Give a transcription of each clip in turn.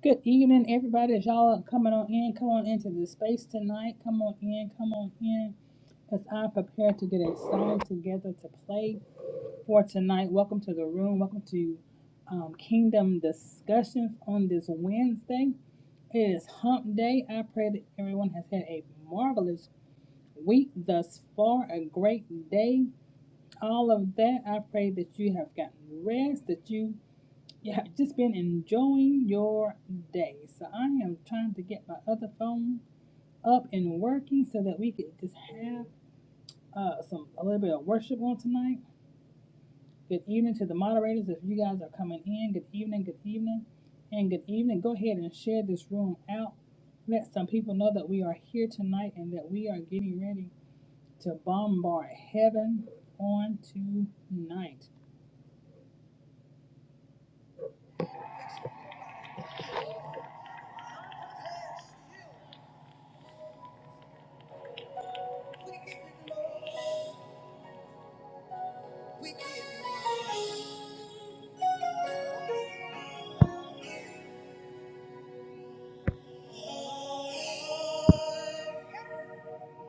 Good evening, everybody. As y'all are coming on in, come on into the space tonight. Come on in, come on in. As I prepare to get a song together to play for tonight. Welcome to the room. Welcome to um, Kingdom Discussions on this Wednesday. It is Hump Day. I pray that everyone has had a marvelous week thus far, a great day. All of that. I pray that you have gotten rest, that you yeah, just been enjoying your day. So I am trying to get my other phone up and working so that we could just have uh, some a little bit of worship on tonight. Good evening to the moderators if you guys are coming in. Good evening, good evening, and good evening. Go ahead and share this room out. Let some people know that we are here tonight and that we are getting ready to bombard heaven on tonight. We give you all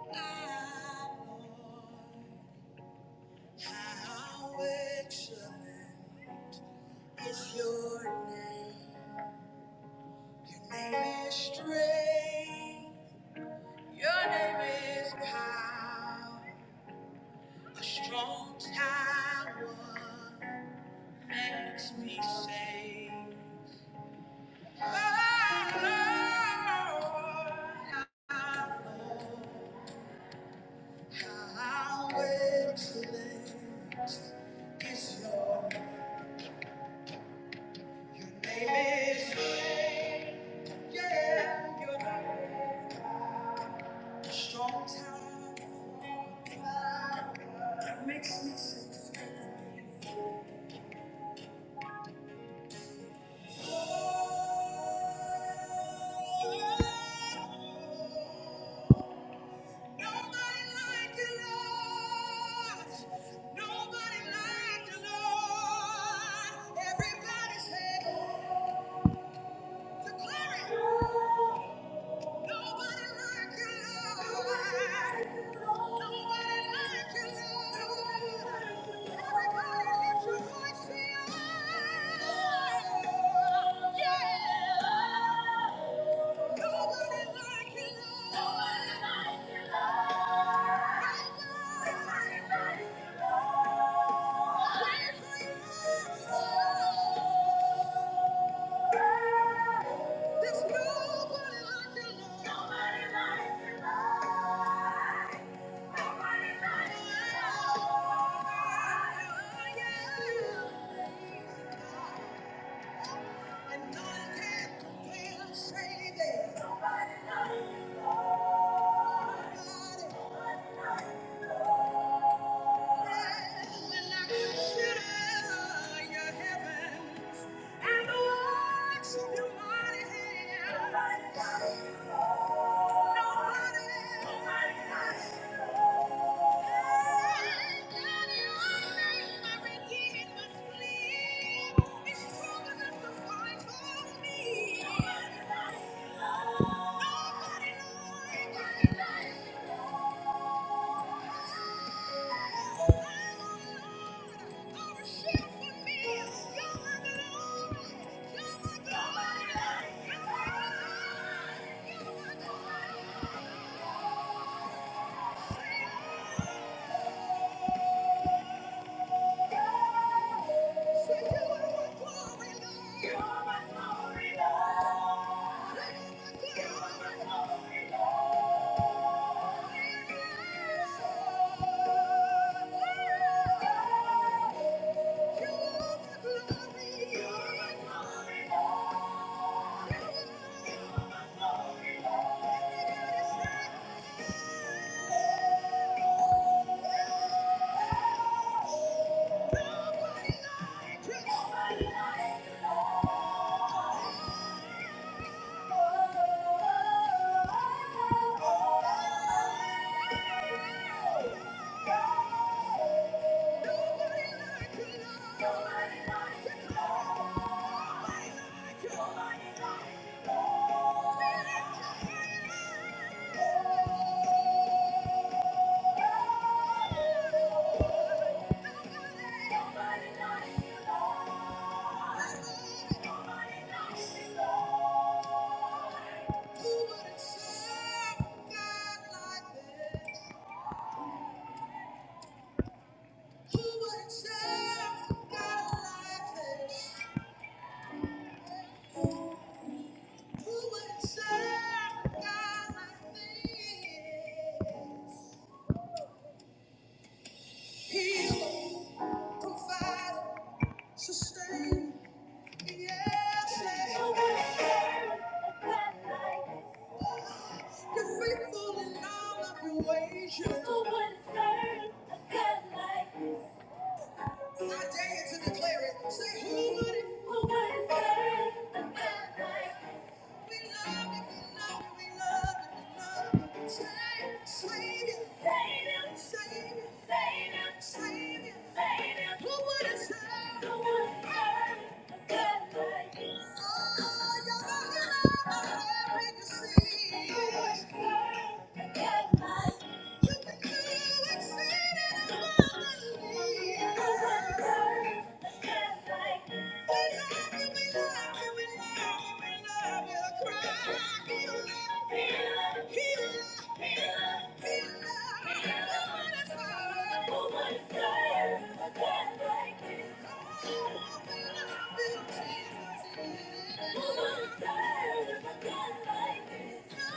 our how excellent is your name. Your name is strength. Your name is power. A strong tower makes me safe. How excellent is your your name is yeah, your name is strong tower that makes me sing. Oh, Nobody like you, Lord. Nobody like you, Lord. Everybody say the glory. Nobody like you, Lord. Nobody like you, Lord. Everybody lift your voice, say, oh, yeah. Nobody like you, Lord. Nobody Thank you. And none can compare, say that. When I consider your heavens and the works of your mighty hand, nobody else. Thank you. Thank you. Nobody likes you. Nobody likes you. Nobody likes you. Who would serve God like this? Healer, provider, sustainer. Yes, yeah. you're faithful in all of your ways. yeah. I dare you to declare it. Say, who would it? Who would it serve a God like this? Thank you. Who would serve a God like this.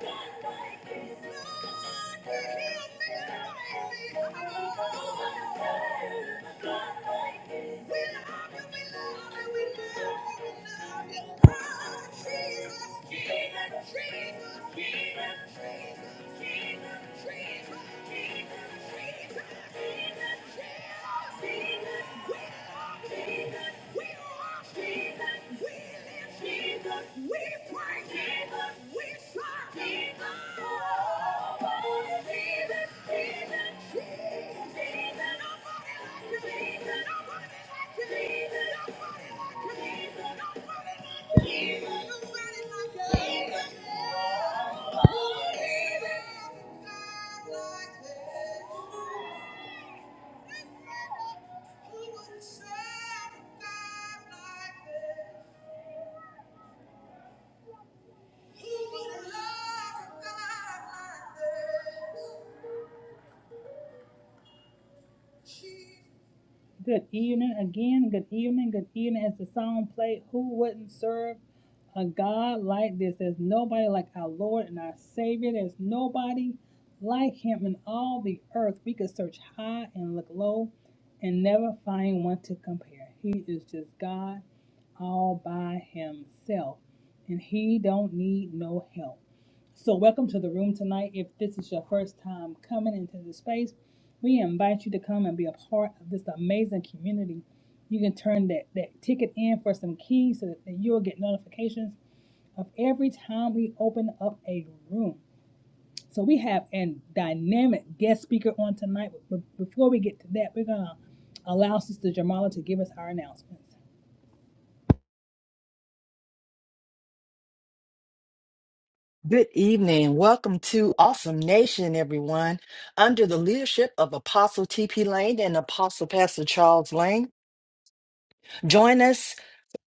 Thank you. Jesus, Jesus, Jesus, Jesus. We live Jesus. We praise Jesus. We serve Jesus. Nobody Jesus. Jesus. Jesus. Jesus. Nobody like you. Jesus. Nobody like you. Jesus. Nobody like you. Jesus. Nobody like you. Jesus. Nobody like you. Jesus. Nobody like you. Jesus like like Good evening again. Good evening. Good evening. As the song played, who wouldn't serve a God like this? There's nobody like our Lord and our Savior. There's nobody like Him in all the earth. We could search high and look low and never find one to compare. He is just God all by himself and he don't need no help so welcome to the room tonight if this is your first time coming into the space we invite you to come and be a part of this amazing community you can turn that, that ticket in for some keys so that that you'll get notifications of every time we open up a room. So we have a dynamic guest speaker on tonight. But but before we get to that, we're gonna allow Sister Jamala to give us our announcements. Good evening. Welcome to Awesome Nation, everyone. Under the leadership of Apostle T.P. Lane and Apostle Pastor Charles Lane, join us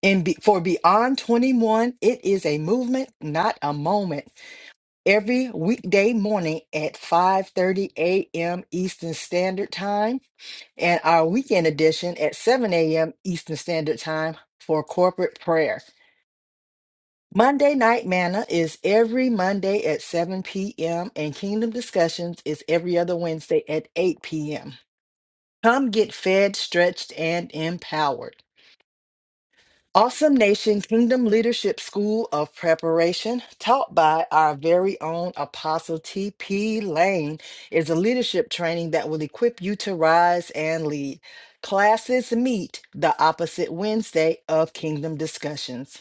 in Be- for Beyond 21. It is a movement, not a moment. Every weekday morning at 5:30 a.m. Eastern Standard Time, and our weekend edition at 7 a.m. Eastern Standard Time for corporate prayer. Monday Night Manna is every Monday at 7 p.m., and Kingdom Discussions is every other Wednesday at 8 p.m. Come get fed, stretched, and empowered. Awesome Nation Kingdom Leadership School of Preparation, taught by our very own Apostle T.P. Lane, is a leadership training that will equip you to rise and lead. Classes meet the opposite Wednesday of Kingdom Discussions.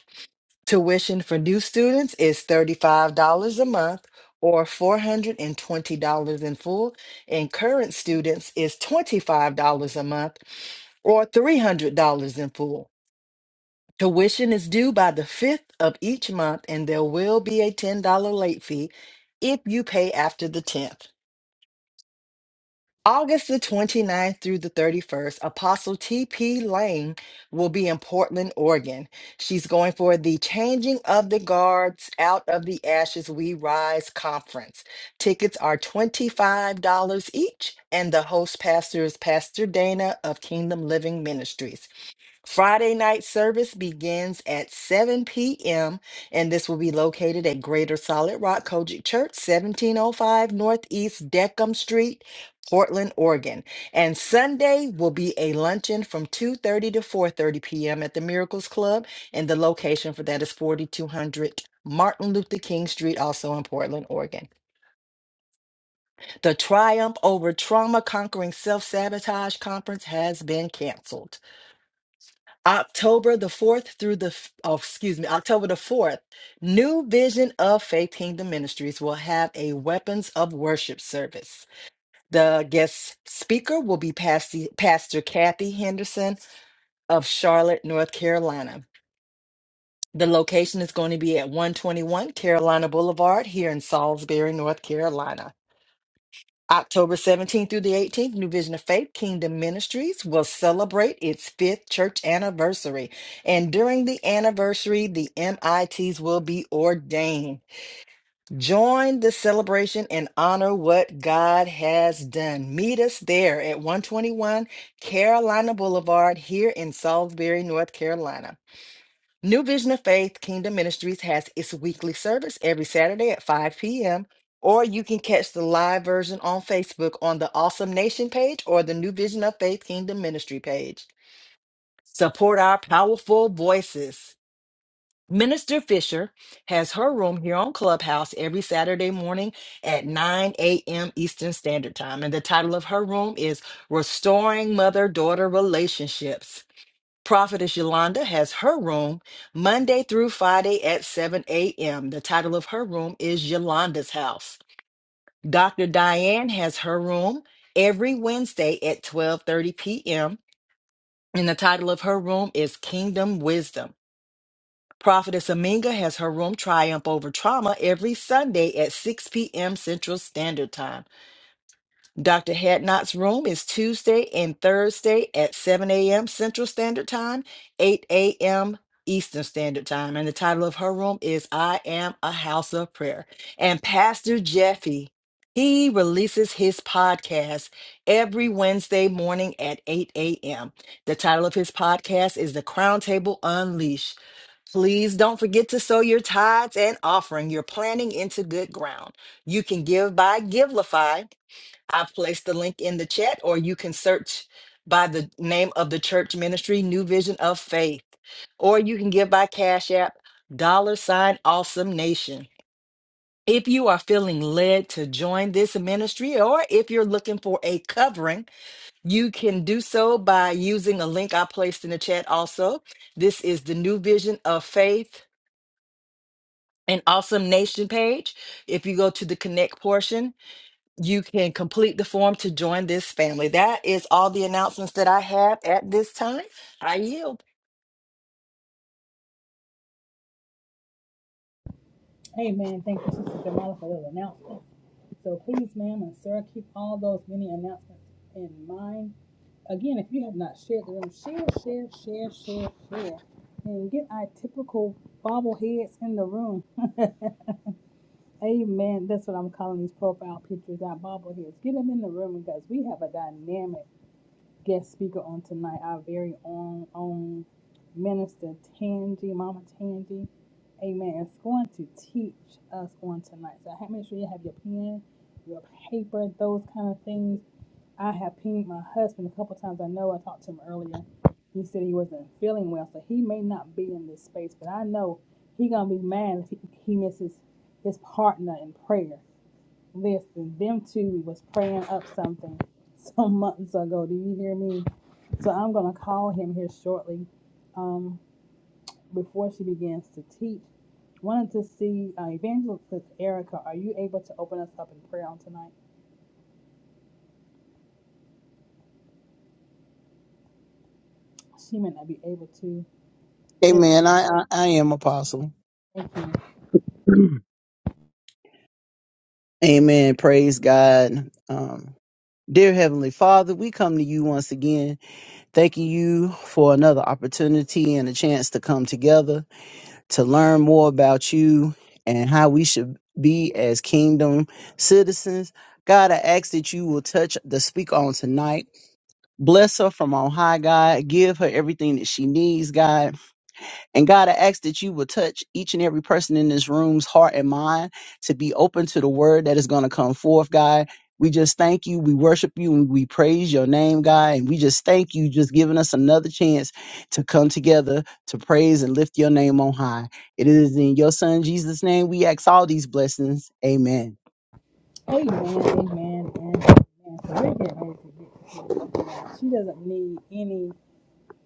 Tuition for new students is $35 a month or $420 in full, and current students is $25 a month or $300 in full. Tuition is due by the 5th of each month, and there will be a $10 late fee if you pay after the 10th. August the 29th through the 31st, Apostle T.P. Lane will be in Portland, Oregon. She's going for the Changing of the Guards Out of the Ashes We Rise conference. Tickets are $25 each, and the host pastor is Pastor Dana of Kingdom Living Ministries. Friday night service begins at 7 p.m., and this will be located at Greater Solid Rock Kojic Church, 1705 Northeast Deckham Street, Portland, Oregon. And Sunday will be a luncheon from 2:30 to 4:30 p.m. at the Miracles Club, and the location for that is 4200 Martin Luther King Street, also in Portland, Oregon. The Triumph Over Trauma Conquering Self Sabotage Conference has been canceled. October the 4th through the, f- oh, excuse me, October the 4th, New Vision of Faith Kingdom Ministries will have a Weapons of Worship service. The guest speaker will be Pasty- Pastor Kathy Henderson of Charlotte, North Carolina. The location is going to be at 121 Carolina Boulevard here in Salisbury, North Carolina. October 17th through the 18th, New Vision of Faith Kingdom Ministries will celebrate its fifth church anniversary. And during the anniversary, the MITs will be ordained. Join the celebration and honor what God has done. Meet us there at 121 Carolina Boulevard here in Salisbury, North Carolina. New Vision of Faith Kingdom Ministries has its weekly service every Saturday at 5 p.m. Or you can catch the live version on Facebook on the Awesome Nation page or the New Vision of Faith Kingdom Ministry page. Support our powerful voices. Minister Fisher has her room here on Clubhouse every Saturday morning at 9 a.m. Eastern Standard Time. And the title of her room is Restoring Mother Daughter Relationships. Prophetess Yolanda has her room Monday through Friday at 7 a.m. The title of her room is Yolanda's House. Dr. Diane has her room every Wednesday at 12:30 p.m. and the title of her room is Kingdom Wisdom. Prophetess Aminga has her room Triumph Over Trauma every Sunday at 6 p.m. Central Standard Time. Dr. Hadnot's room is Tuesday and Thursday at 7 a.m. Central Standard Time, 8 a.m. Eastern Standard Time. And the title of her room is I Am a House of Prayer. And Pastor Jeffy, he releases his podcast every Wednesday morning at 8 a.m. The title of his podcast is The Crown Table Unleashed. Please don't forget to sow your tithes and offering. You're planting into good ground. You can give by Givelify I've placed the link in the chat, or you can search by the name of the church ministry, New Vision of Faith, or you can give by Cash App, dollar sign awesome nation. If you are feeling led to join this ministry, or if you're looking for a covering, you can do so by using a link I placed in the chat also. This is the New Vision of Faith and Awesome Nation page. If you go to the connect portion, you can complete the form to join this family. That is all the announcements that I have at this time. I yield. Amen. Thank you, Sister Jamala, for those announcements. So please, ma'am and sir, keep all those many announcements in mind. Again, if you have not shared the room, share, share, share, share, share. And get our typical bobbleheads in the room. Amen. That's what I'm calling these profile pictures, our bobbleheads. Get them in the room because we have a dynamic guest speaker on tonight, our very own own minister Tangi, Mama Tangi. Amen. It's going to teach us on tonight. So ha- make sure you have your pen, your paper, those kind of things. I have pinged my husband a couple times. I know I talked to him earlier. He said he wasn't feeling well, so he may not be in this space. But I know he gonna be mad if he, he misses his partner in prayer. Listen, them two was praying up something some months ago. Do you hear me? So I'm gonna call him here shortly. Um, before she begins to teach, wanted to see uh, Evangelist Erica. Are you able to open us up in prayer on tonight? She may not be able to. There you Amen. I, I, I am apostle. go. Amen. Praise God. Um, dear Heavenly Father, we come to you once again, thanking you for another opportunity and a chance to come together to learn more about you and how we should be as kingdom citizens. God, I ask that you will touch the speaker on tonight. Bless her from on high, God. Give her everything that she needs, God. And God, I ask that you will touch each and every person in this room's heart and mind to be open to the word that is going to come forth, God. We just thank you. We worship you and we praise your name, God. And we just thank you just giving us another chance to come together to praise and lift your name on high. It is in your son Jesus' name we ask all these blessings. Amen. Thank you. Amen. Amen. And amen. So we're getting ready to get. to it. She doesn't need any.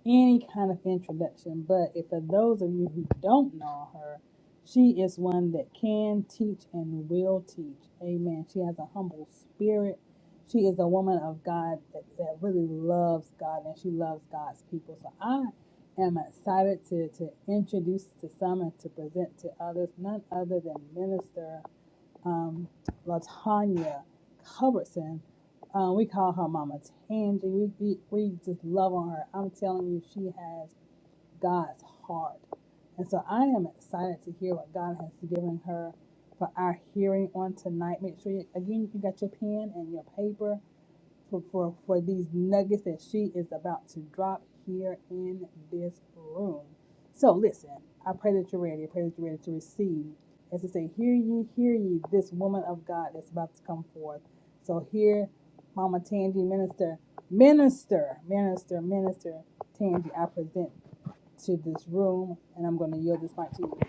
any kind of introduction. But if for those of you who don't know her, she is one that can teach and will teach. Amen. She has a humble spirit. She is a woman of God that, that really loves God and she loves God's people. So I am excited to, to introduce to some and to present to others none other than Minister um, Latanya Culbertson. Uh, we call her Mama Tangy. We, we we just love on her. I'm telling you, she has God's heart, and so I am excited to hear what God has given her for our hearing on tonight. Make sure you, again you got your pen and your paper for, for, for these nuggets that she is about to drop here in this room. So listen, I pray that you're ready. I pray that you're ready to receive. As I say, hear ye, hear ye, this woman of God that's about to come forth. So here, Mama Tangi, minister, minister, minister, minister, Tangi, I present to this room, and I'm going to yield this mic to you.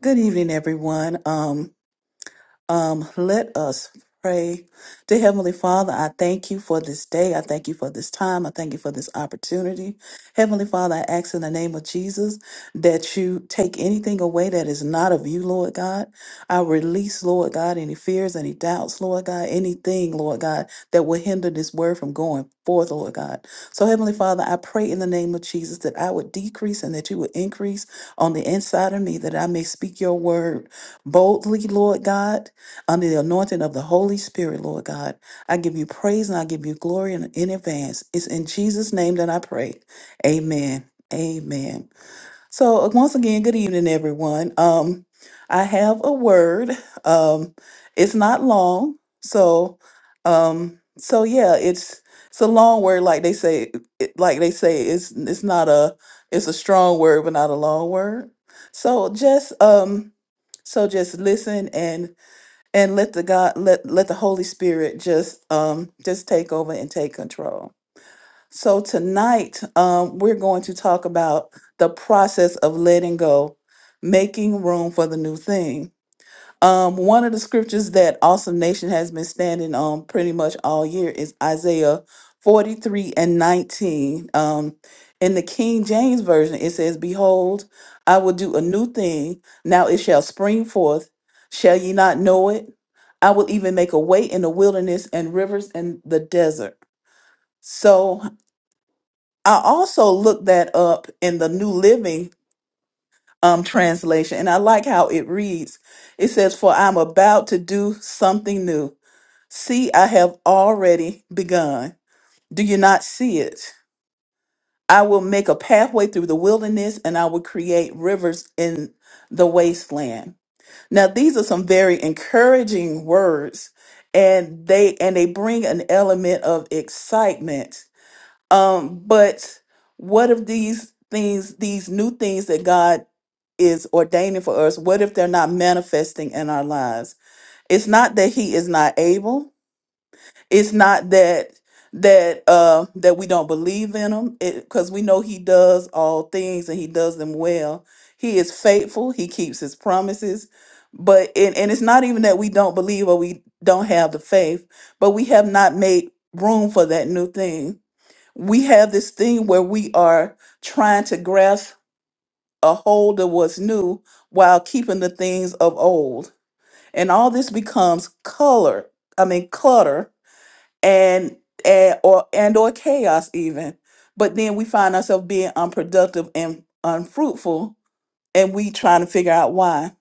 Good evening, everyone. Um, um, let us pray. Dear Heavenly Father, I thank you for this day. I thank you for this time. I thank you for this opportunity. Heavenly Father, I ask in the name of Jesus that you take anything away that is not of you, Lord God. I release, Lord God, any fears, any doubts, Lord God, anything, Lord God, that will hinder this word from going forth, Lord God. So, Heavenly Father, I pray in the name of Jesus that I would decrease and that you would increase on the inside of me, that I may speak your word boldly, Lord God under the anointing of the Holy Spirit, Lord God. I give you praise and I give you glory in, in advance. It's in Jesus' name that I pray. Amen. Amen. So uh, once again, good evening, everyone. Um, I have a word. Um, it's not long, so um, so yeah, it's it's a long word, like they say. It, like they say, it's it's not a it's a strong word, but not a long word. So just um, so just listen and let the god let let the holy spirit just um just take over and take control so tonight um we're going to talk about the process of letting go making room for the new thing um, one of the scriptures that Awesome Nation has been standing on pretty much all year is Isaiah 43 and 19. Um, in the King James Version, it says, Behold, I will do a new thing. Now it shall spring forth. Shall ye not know it? I will even make a way in the wilderness and rivers in the desert. So I also looked that up in the New Living um, translation, and I like how it reads. It says, For I'm about to do something new. See, I have already begun. Do you not see it? I will make a pathway through the wilderness and I will create rivers in the wasteland. Now, these are some very encouraging words and they and they bring an element of excitement um, but what if these things, these new things that God is ordaining for us, what if they're not manifesting in our lives? It's not that He is not able. It's not that that uh that we don't believe in him because we know he does all things and he does them well he is faithful he keeps his promises but and, and it's not even that we don't believe or we don't have the faith but we have not made room for that new thing we have this thing where we are trying to grasp a hold of what's new while keeping the things of old and all this becomes color i mean clutter and, and or and or chaos even but then we find ourselves being unproductive and unfruitful and we trying to figure out why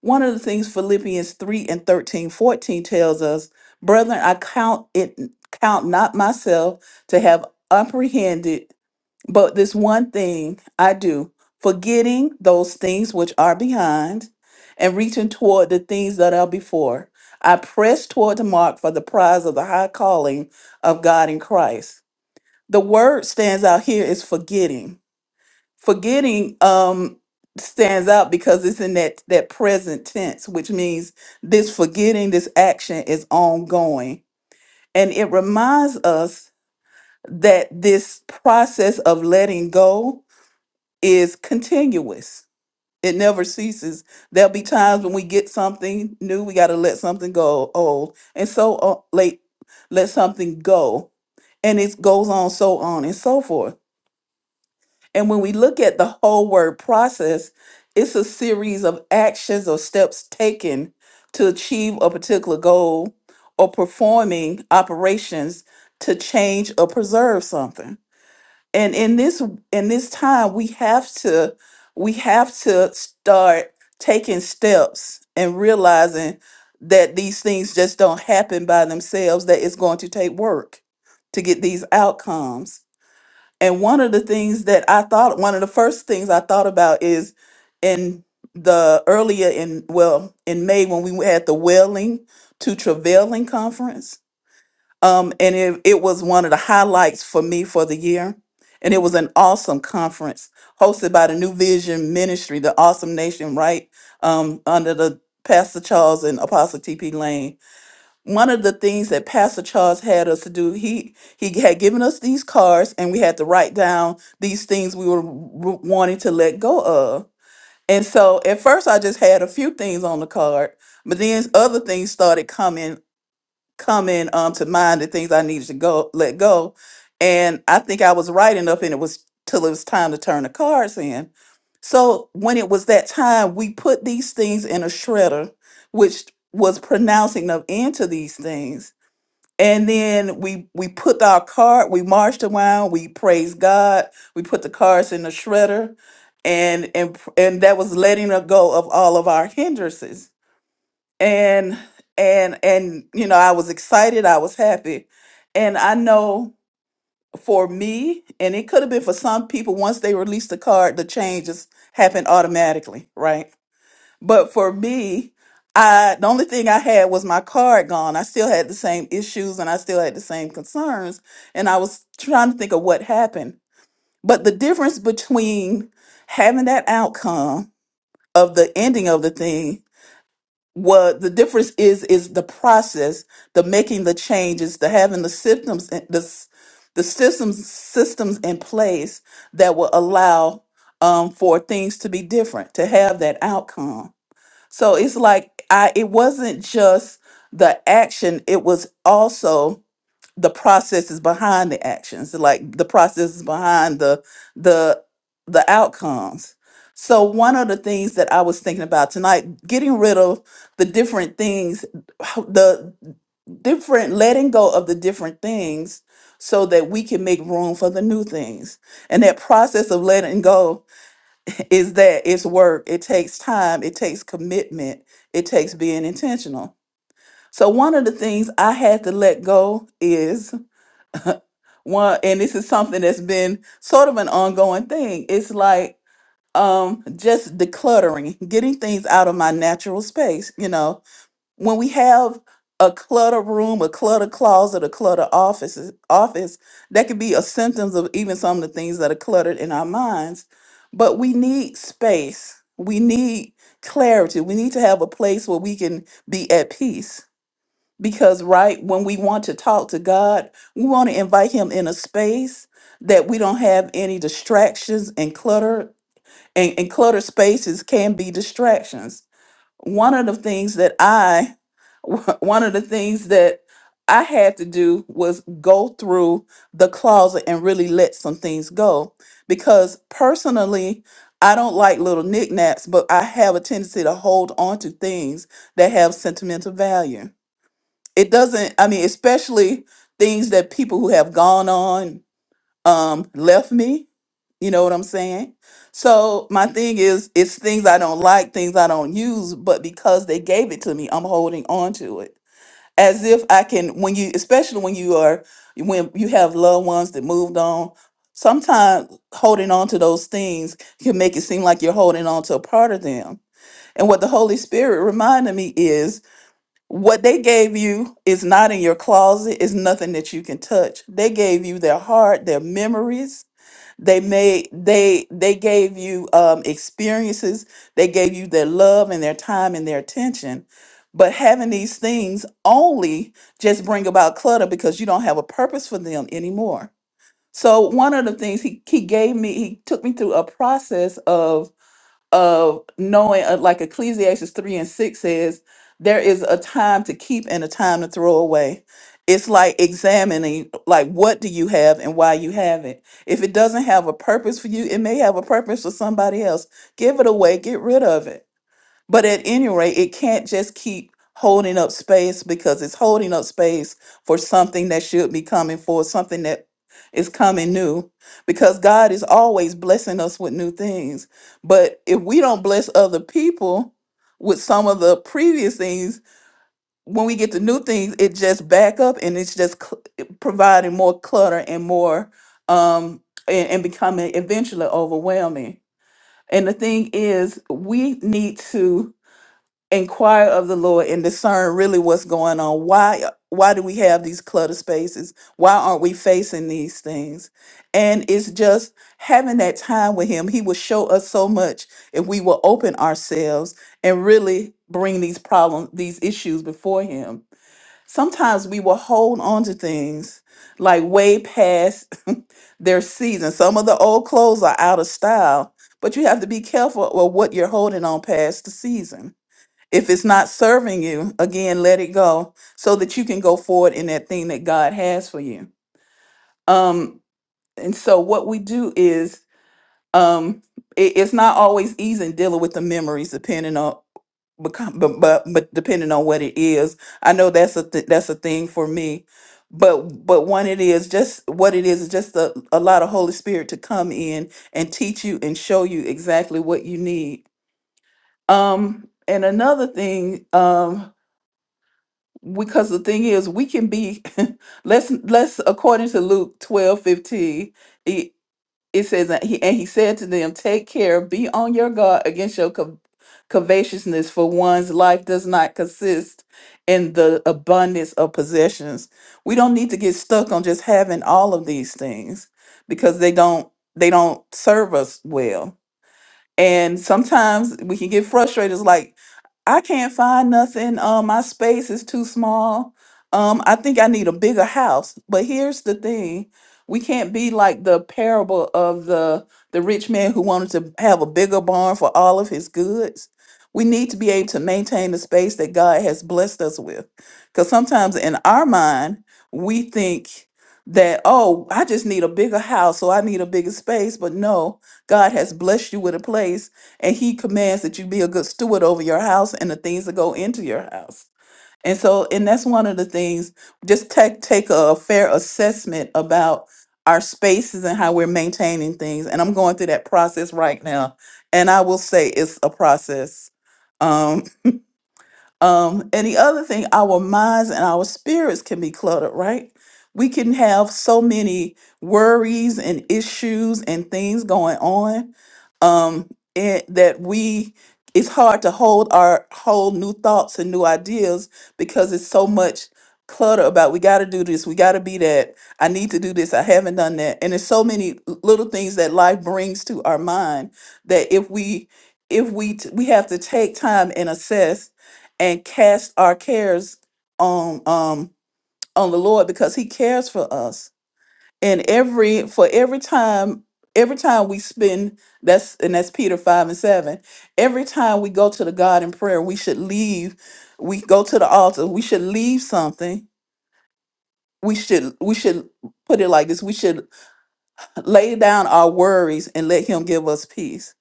one of the things philippians 3 and 13 14 tells us brethren i count it count not myself to have apprehended but this one thing I do, forgetting those things which are behind and reaching toward the things that are before, I press toward the mark for the prize of the high calling of God in Christ. The word stands out here is forgetting. Forgetting um stands out because it's in that that present tense, which means this forgetting, this action is ongoing. And it reminds us that this process of letting go is continuous. It never ceases. There'll be times when we get something new, we got to let something go old, and so on, late, let something go, and it goes on, so on and so forth. And when we look at the whole word process, it's a series of actions or steps taken to achieve a particular goal or performing operations to change or preserve something and in this in this time we have to we have to start taking steps and realizing that these things just don't happen by themselves that it's going to take work to get these outcomes and one of the things that i thought one of the first things i thought about is in the earlier in well in may when we had the wailing to travailing conference um, and it, it was one of the highlights for me for the year. And it was an awesome conference hosted by the New Vision Ministry, the Awesome Nation, right? Um, under the Pastor Charles and Apostle TP Lane. One of the things that Pastor Charles had us to do, he he had given us these cards and we had to write down these things we were w- wanting to let go of. And so at first I just had a few things on the card, but then other things started coming coming um to mind the things I needed to go let go. And I think I was right enough and it was till it was time to turn the cards in. So when it was that time, we put these things in a shredder, which was pronouncing of end to these things. And then we we put our card, we marched around, we praised God, we put the cards in the shredder, and and and that was letting her go of all of our hindrances and and and you know i was excited i was happy and i know for me and it could have been for some people once they release the card the changes happen automatically right but for me i the only thing i had was my card gone i still had the same issues and i still had the same concerns and i was trying to think of what happened but the difference between having that outcome of the ending of the thing what the difference is is the process the making the changes the having the symptoms and the s- the systems systems in place that will allow um, for things to be different to have that outcome so it's like i it wasn't just the action it was also the processes behind the actions like the processes behind the the the outcomes so one of the things that i was thinking about tonight getting rid of the different things the different letting go of the different things so that we can make room for the new things and that process of letting go is that it's work it takes time it takes commitment it takes being intentional so one of the things i had to let go is one and this is something that's been sort of an ongoing thing it's like um just decluttering getting things out of my natural space you know when we have a clutter room a clutter closet a clutter office office that could be a symptoms of even some of the things that are cluttered in our minds but we need space we need clarity we need to have a place where we can be at peace because, right, when we want to talk to God, we want to invite Him in a space that we don't have any distractions and clutter. And, and cluttered spaces can be distractions. One of the things that I, one of the things that I had to do was go through the closet and really let some things go. Because personally, I don't like little knickknacks, but I have a tendency to hold on to things that have sentimental value it doesn't i mean especially things that people who have gone on um left me you know what i'm saying so my thing is it's things i don't like things i don't use but because they gave it to me i'm holding on to it as if i can when you especially when you are when you have loved ones that moved on sometimes holding on to those things can make it seem like you're holding on to a part of them and what the holy spirit reminded me is what they gave you is not in your closet, it's nothing that you can touch. They gave you their heart, their memories. They made they they gave you um experiences, they gave you their love and their time and their attention. But having these things only just bring about clutter because you don't have a purpose for them anymore. So one of the things he he gave me, he took me through a process of of knowing, uh, like Ecclesiastes 3 and 6 says, there is a time to keep and a time to throw away. It's like examining, like, what do you have and why you have it. If it doesn't have a purpose for you, it may have a purpose for somebody else. Give it away, get rid of it. But at any rate, it can't just keep holding up space because it's holding up space for something that should be coming for something that is coming new because God is always blessing us with new things. But if we don't bless other people with some of the previous things, when we get to new things, it just back up and it's just cl- providing more clutter and more um and, and becoming eventually overwhelming. And the thing is, we need to inquire of the Lord and discern really what's going on. Why why do we have these clutter spaces? Why aren't we facing these things? And it's just having that time with him. He will show us so much if we will open ourselves and really bring these problems, these issues before him. Sometimes we will hold on to things like way past their season. Some of the old clothes are out of style, but you have to be careful of what you're holding on past the season if it's not serving you, again, let it go so that you can go forward in that thing that God has for you. Um, and so what we do is um it, it's not always easy dealing with the memories depending on become but, but but depending on what it is i know that's a th- that's a thing for me but but one it is just what it is is just a, a lot of holy spirit to come in and teach you and show you exactly what you need um and another thing um, because the thing is we can be let's let's according to luke twelve fifteen, it, it says that he and he said to them take care be on your guard against your co- covetousness for one's life does not consist in the abundance of possessions we don't need to get stuck on just having all of these things because they don't they don't serve us well and sometimes we can get frustrated. It's like, I can't find nothing. Um, my space is too small. Um, I think I need a bigger house. But here's the thing. We can't be like the parable of the the rich man who wanted to have a bigger barn for all of his goods. We need to be able to maintain the space that God has blessed us with. Because sometimes in our mind, we think that, oh, I just need a bigger house, so I need a bigger space. But no, God has blessed you with a place, and He commands that you be a good steward over your house and the things that go into your house. And so, and that's one of the things. Just take take a fair assessment about our spaces and how we're maintaining things. And I'm going through that process right now, and I will say it's a process. um, um, and the other thing, our minds and our spirits can be cluttered, right? We can have so many worries and issues and things going on um, and that we it's hard to hold our whole new thoughts and new ideas because it's so much clutter about we got to do this, we got to be that, I need to do this, I haven't done that, and there's so many l- little things that life brings to our mind that if we if we t- we have to take time and assess and cast our cares on um on the Lord because he cares for us. And every for every time every time we spend that's and that's Peter 5 and 7. Every time we go to the God in prayer, we should leave we go to the altar, we should leave something. We should we should put it like this. We should lay down our worries and let him give us peace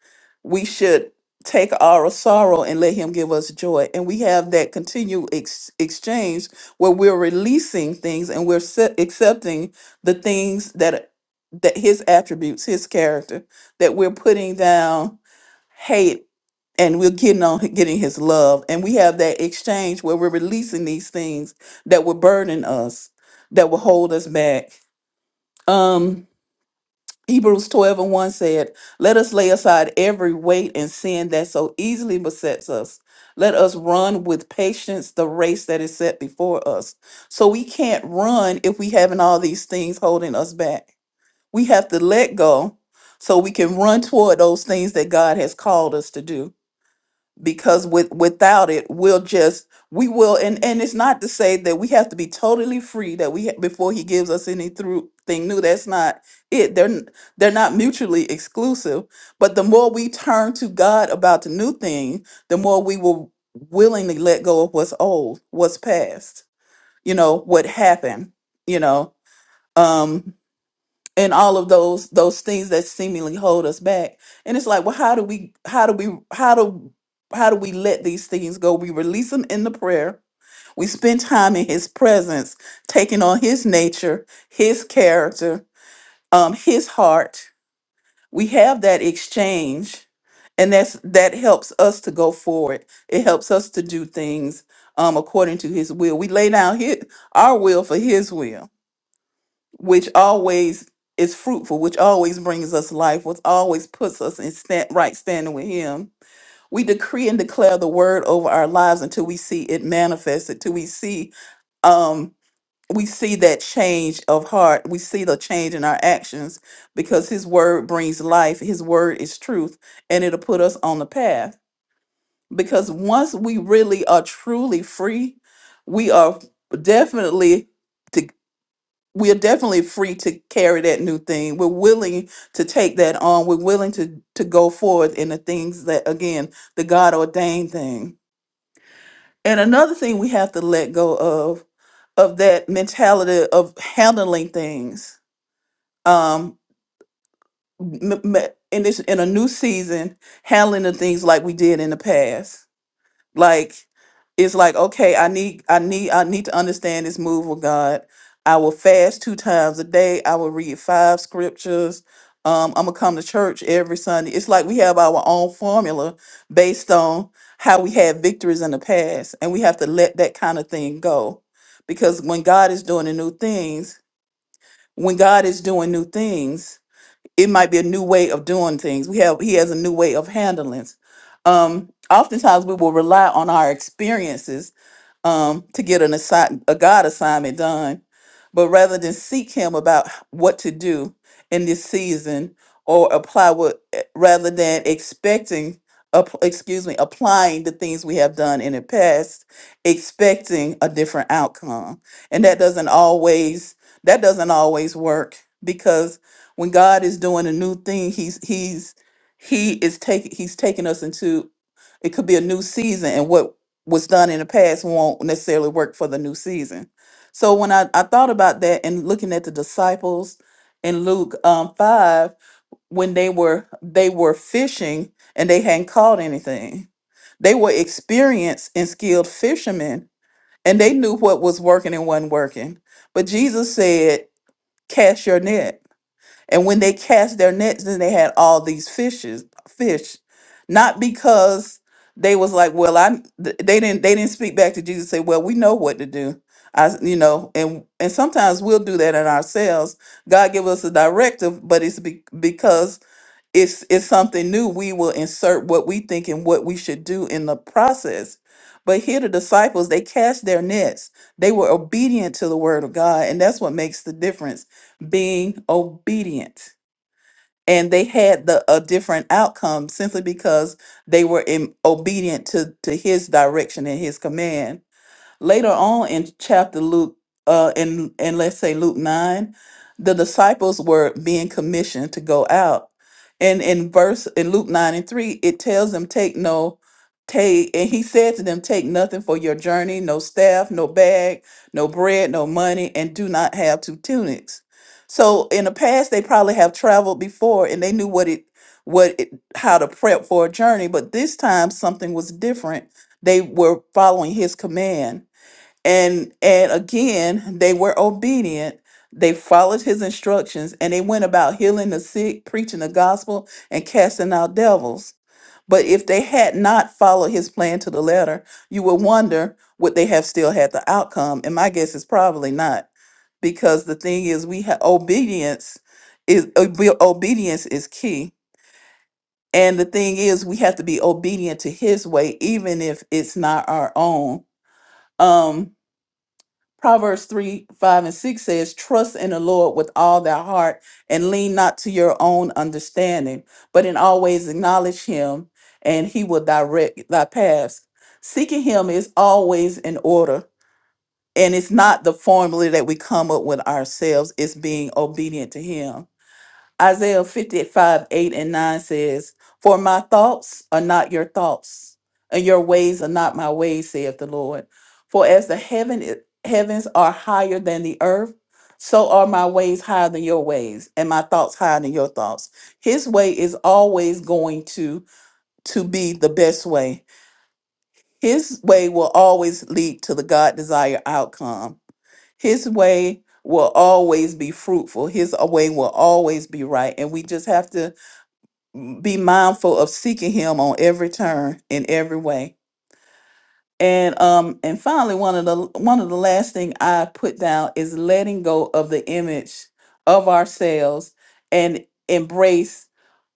we should take our sorrow and let him give us joy and we have that continued ex- exchange where we're releasing things and we're se- accepting the things that that his attributes his character that we're putting down hate and we're getting on getting his love and we have that exchange where we're releasing these things that would burden us that will hold us back Um. Hebrews 12 and 1 said, Let us lay aside every weight and sin that so easily besets us. Let us run with patience the race that is set before us. So we can't run if we have all these things holding us back. We have to let go so we can run toward those things that God has called us to do because with without it we'll just we will and and it's not to say that we have to be totally free that we ha- before he gives us any through thing new that's not it they're n- they're not mutually exclusive but the more we turn to god about the new thing the more we will willingly let go of what's old what's past you know what happened you know um, and all of those those things that seemingly hold us back and it's like well how do we how do we how do how do we let these things go we release them in the prayer we spend time in his presence taking on his nature his character um his heart we have that exchange and that's that helps us to go forward it helps us to do things um according to his will we lay down his, our will for his will which always is fruitful, which always brings us life, which always puts us in stand, right standing with Him. We decree and declare the word over our lives until we see it manifested, till we see um we see that change of heart we see the change in our actions because his word brings life his word is truth and it'll put us on the path because once we really are truly free we are definitely we are definitely free to carry that new thing. We're willing to take that on. We're willing to to go forward in the things that again, the God ordained thing. And another thing we have to let go of of that mentality of handling things. Um m- m- in this in a new season, handling the things like we did in the past. Like it's like, okay, I need I need I need to understand this move of God. I will fast two times a day. I will read five scriptures. Um, I'm gonna come to church every Sunday. It's like we have our own formula based on how we had victories in the past, and we have to let that kind of thing go. Because when God is doing the new things, when God is doing new things, it might be a new way of doing things. We have he has a new way of handling. Um, oftentimes we will rely on our experiences um, to get an assi- a God assignment done. But rather than seek Him about h- what to do in this season or apply what, eh, rather than expecting, app- excuse me, applying the things we have done in the past, expecting a different outcome. And that doesn't always, that doesn't always work because when God is doing a new thing, he's, he's, he is taking, he's taking us into, it could be a new season. And what was done in the past won't necessarily work for the new season. So when I, I thought about that and looking at the disciples in Luke um, five, when they were they were fishing and they hadn't caught anything, they were experienced and skilled fishermen, and they knew what was working and wasn't working. But Jesus said, "Cast your net." And when they cast their nets, then they had all these fishes, fish, not because they was like, well, I th- they didn't they didn't speak back to Jesus and say, well, we know what to do. I you know, and and sometimes we'll do that in ourselves. God give us a directive, but it's be, because it's it's something new we will insert what we think and what we should do in the process but here the disciples they cast their nets they were obedient to the word of god and that's what makes the difference being obedient and they had the a different outcome simply because they were in, obedient to to his direction and his command Later on in chapter Luke, uh, in, in let's say Luke 9, the disciples were being commissioned to go out. And in verse in Luke 9 and 3, it tells them, take no, take, and he said to them, take nothing for your journey, no staff, no bag, no bread, no money, and do not have two tunics. So in the past, they probably have traveled before and they knew what it what it, how to prep for a journey, but this time something was different. They were following his command and and again they were obedient they followed his instructions and they went about healing the sick preaching the gospel and casting out devils but if they had not followed his plan to the letter you would wonder would they have still had the outcome and my guess is probably not because the thing is we have obedience is obe- obedience is key and the thing is we have to be obedient to his way even if it's not our own Um, Proverbs 3 5 and 6 says, Trust in the Lord with all thy heart and lean not to your own understanding, but in always acknowledge him, and he will direct thy paths. Seeking him is always in order, and it's not the formula that we come up with ourselves, it's being obedient to him. Isaiah 55, 8 and 9 says, For my thoughts are not your thoughts, and your ways are not my ways, saith the Lord. For as the heaven, i- heavens are higher than the earth, so are my ways higher than your ways, and my thoughts higher than your thoughts. His way is always going to, to be the best way. His way will always lead to the God desired outcome. His way will always be fruitful. His way will always be right. And we just have to be mindful of seeking him on every turn in every way and um and finally one of the one of the last thing i put down is letting go of the image of ourselves and embrace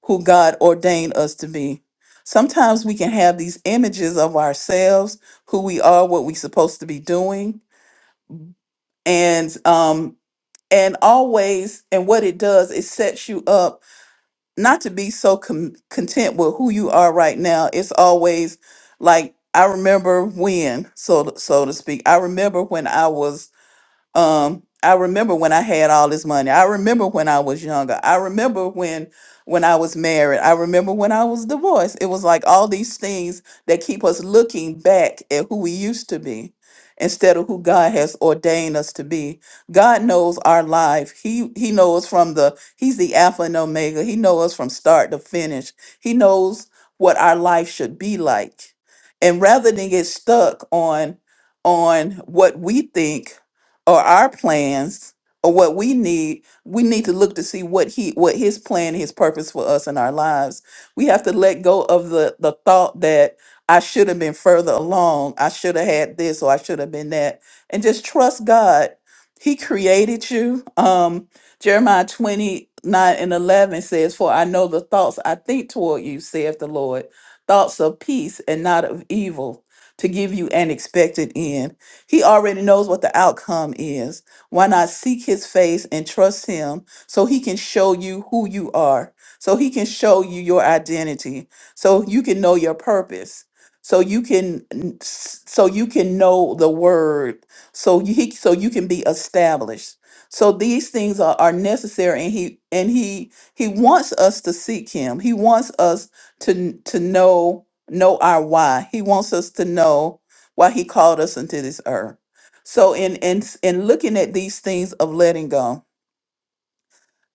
who god ordained us to be sometimes we can have these images of ourselves who we are what we're supposed to be doing and um and always and what it does it sets you up not to be so com- content with who you are right now. It's always like I remember when, so to- so to speak. I remember when I was um i remember when i had all this money i remember when i was younger i remember when when i was married i remember when i was divorced it was like all these things that keep us looking back at who we used to be instead of who god has ordained us to be god knows our life he he knows from the he's the alpha and omega he knows from start to finish he knows what our life should be like and rather than get stuck on on what we think or our plans or what we need we need to look to see what he what his plan his purpose for us in our lives we have to let go of the the thought that i should have been further along i should have had this or i should have been that and just trust god he created you um jeremiah 29 and 11 says for i know the thoughts i think toward you saith the lord thoughts of peace and not of evil to give you an expected end he already knows what the outcome is. Why not seek his face and trust him so he can show you who you are, so he can show you your identity, so you can know your purpose. So you can so you can know the word, so you he- so you can be established. So these things are, are necessary and he and he he wants us to seek him. He wants us to to know know our why. He wants us to know while he called us into this earth. So in in in looking at these things of letting go,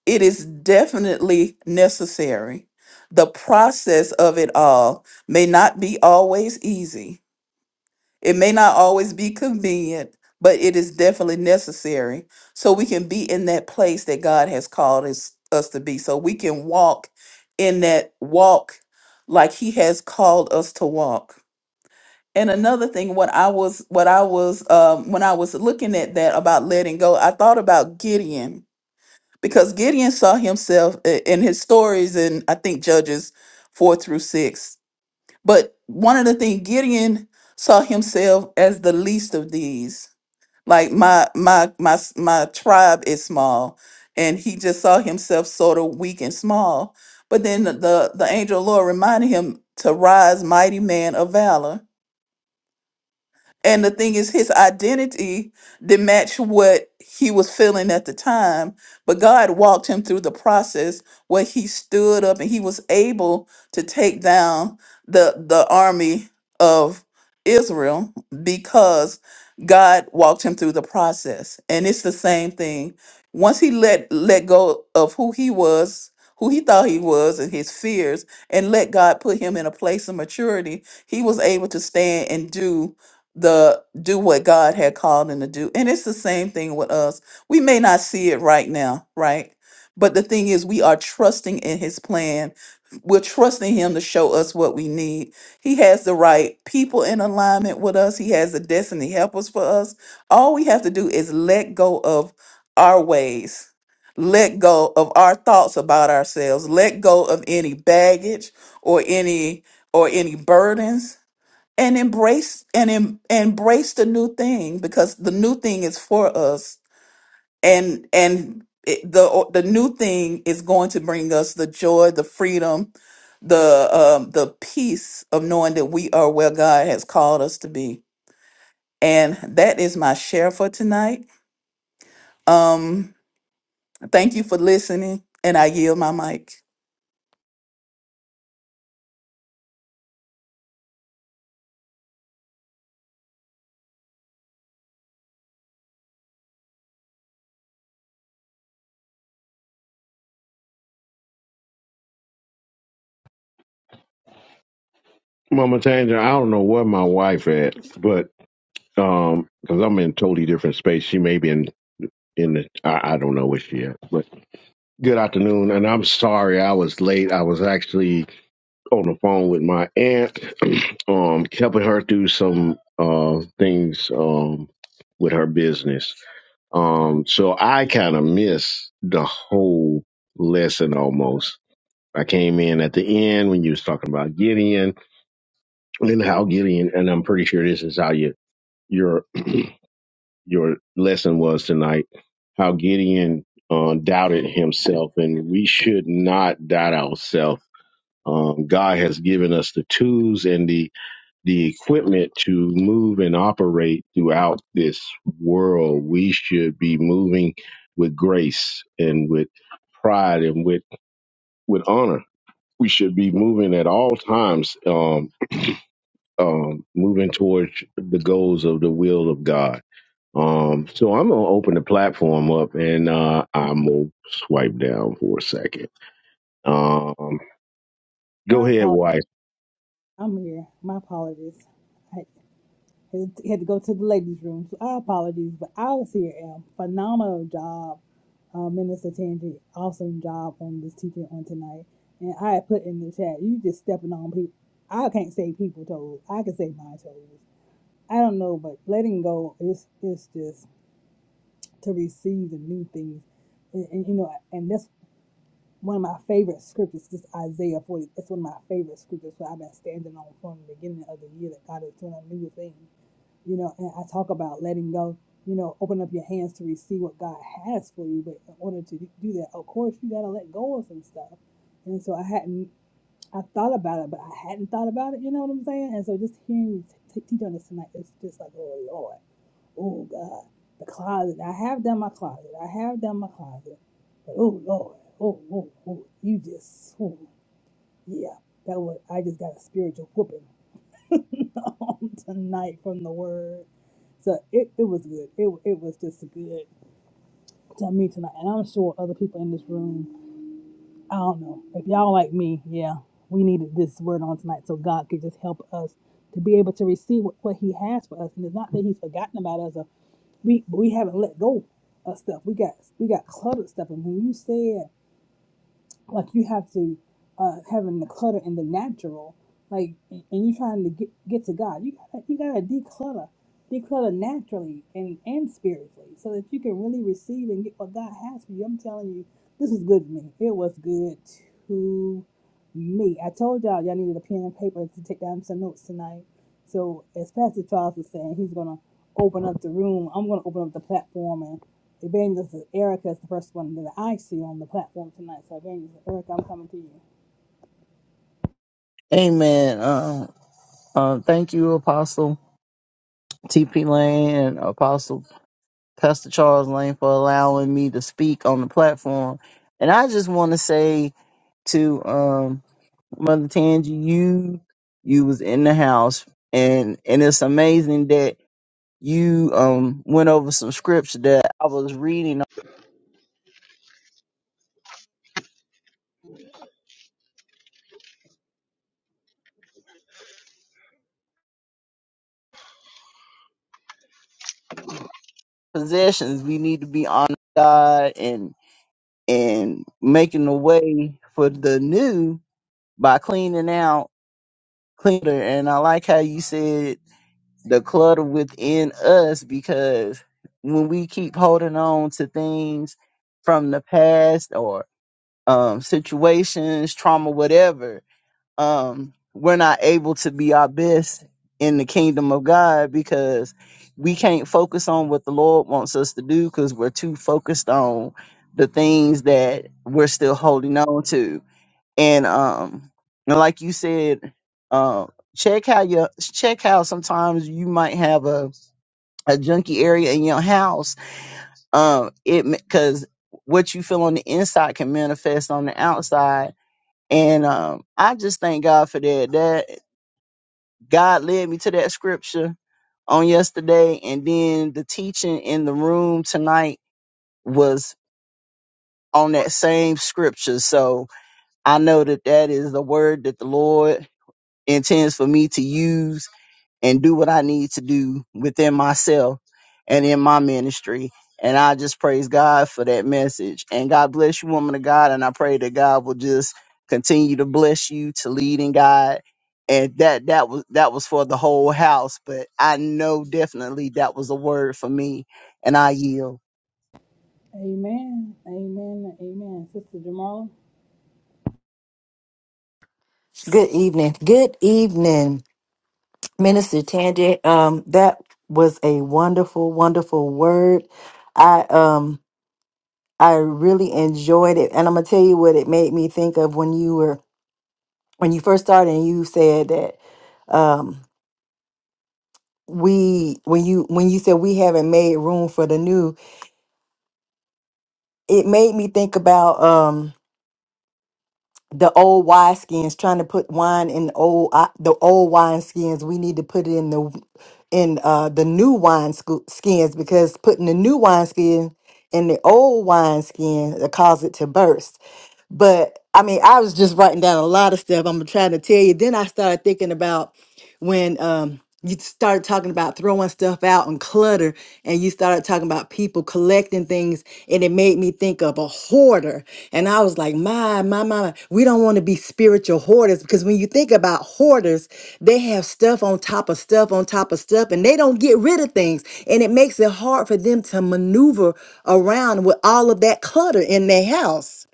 it is definitely necessary. The process of it all may not be always easy. It may not always be convenient, but it is definitely necessary so we can be in that place that God has called us, us to be. So we can walk in that walk like he has called us to walk. And another thing, what I was, what I was, um, when I was looking at that about letting go, I thought about Gideon because Gideon saw himself i- in his stories, in I think Judges four through six. But one of the things Gideon saw himself as the least of these, like my my my s- my tribe is small, and he just saw himself sort of weak and small. But then the the the angel of the Lord reminded him to rise, mighty man of valor and the thing is, his identity didn't match what he was feeling at the time. But God walked him through the process where he stood up and he was able to take down the the army of Israel because God walked him through the process. And it's the same thing. Once he let let go of who he was, who he thought he was, and his fears, and let God put him in a place of maturity, he was able to stand and do the do what God had called him to do. And it's the same thing with us. We may not see it right now, right? But the thing is, we are trusting in his plan. We're trusting him to show us what we need. He has the right people in alignment with us. He has the destiny helpers for us. All we have to do is let go of our ways, let go of our thoughts about ourselves, let go of any baggage or any or any burdens and embrace and em, embrace the new thing because the new thing is for us and and it, the the new thing is going to bring us the joy the freedom the um the peace of knowing that we are where God has called us to be and that is my share for tonight um thank you for listening and I yield my mic Mama Tanger, I don't know where my wife at, but um, because I'm in totally different space. She may be in in the I, I don't know where she at. But good afternoon, and I'm sorry I was late. I was actually on the phone with my aunt, um, helping her through some uh things um with her business. Um, so I kind of missed the whole lesson almost. I came in at the end when you was talking about Gideon and how Gideon, and I'm pretty sure this is how you your your lesson was tonight how Gideon uh, doubted himself, and we should not doubt ourselves. Um, God has given us the tools and the the equipment to move and operate throughout this world. We should be moving with grace and with pride and with with honor. We should be moving at all times, um, um, moving towards the goals of the will of God Um, so I'm gonna open the platform up and uh, I'm gonna swipe down for a second. Um, go My ahead, apologies. wife. I'm here. My apologies. I, He had to go to the ladies' room. So our apologies, but I was here. Em. Phenomenal job, uh, Minister Tangi. Awesome job on this teaching on tonight. And I had put in the chat, you just stepping on people. I can't say people toes. I can say my toes. I don't know, but letting go is is just to receive the new things, and, and you know, and that's one of my favorite scriptures. Just Isaiah forty. That's one of my favorite scriptures. So I've been standing on from the beginning of the year that God is doing a new thing you know and i talk about letting go you know open up your hands to receive what god has for you but in order to do that of course you got to let go of some stuff and so i hadn't i thought about it but i hadn't thought about it you know what i'm saying and so just hearing you t- teach on this tonight it's just like oh lord oh god the closet i have done my closet i have done my closet but oh lord oh oh oh you just oh, yeah that was i just got a spiritual whooping on tonight from the word. So it, it was good. It, it was just good to me tonight. And I'm sure other people in this room, I don't know. If y'all like me, yeah, we needed this word on tonight so God could just help us to be able to receive what, what He has for us. And it's not that He's forgotten about us or we we haven't let go of stuff. We got we got cluttered stuff. And when you said like you have to uh having the clutter in the natural like and you trying to get, get to god you gotta you gotta declutter declutter naturally and and spiritually so that you can really receive and get what god has for you i'm telling you this was good to me it was good to me i told y'all y'all needed a pen and paper to take down some notes tonight so as Pastor Charles was saying, he's gonna open up the room. I'm gonna open up the platform and Evangelist Erica is the first one that I see on the platform tonight. So Evangelist Erica, I'm coming to you. Amen. Uh, uh, thank you, Apostle. TP Lane and Apostle Pastor Charles Lane for allowing me to speak on the platform. And I just want to say to um, Mother Tangi, you you was in the house, and and it's amazing that you um went over some scripture that I was reading. on Possessions, we need to be honoring God and and making the way for the new by cleaning out cleaner. And I like how you said the clutter within us because when we keep holding on to things from the past or um, situations, trauma, whatever, um, we're not able to be our best in the kingdom of God because we can't focus on what the Lord wants us to do because we're too focused on the things that we're still holding on to and um and like you said uh check how you check how sometimes you might have a a junky area in your house um it because what you feel on the inside can manifest on the outside and um i just thank god for that that god led me to that scripture on yesterday and then the teaching in the room tonight was on that same scripture so i know that that is the word that the lord intends for me to use and do what I need to do within myself and in my ministry. And I just praise God for that message. And God bless you, woman of God. And I pray that God will just continue to bless you to lead and guide. And that that was that was for the whole house, but I know definitely that was a word for me, and I yield. Amen. Amen. Amen. Sister Jamala. Good evening. Good evening, Minister Tandy. Um, that was a wonderful, wonderful word. I um I really enjoyed it. And I'm gonna tell you what it made me think of when you were when you first started and you said that um we when you when you said we haven't made room for the new, it made me think about um, the old wine skins trying to put wine in old uh, the old wine skins we need to put it in the in uh the new wine sco- skins because putting the new wine skin in the old wine skin it cause it to burst but I mean, I was just writing down a lot of stuff. I'm trying to tell you. Then I started thinking about when um, you started talking about throwing stuff out and clutter, and you started talking about people collecting things, and it made me think of a hoarder. And I was like, my, my, my, we don't want to be spiritual hoarders because when you think about hoarders, they have stuff on top of stuff on top of stuff, and they don't get rid of things. And it makes it hard for them to maneuver around with all of that clutter in their house.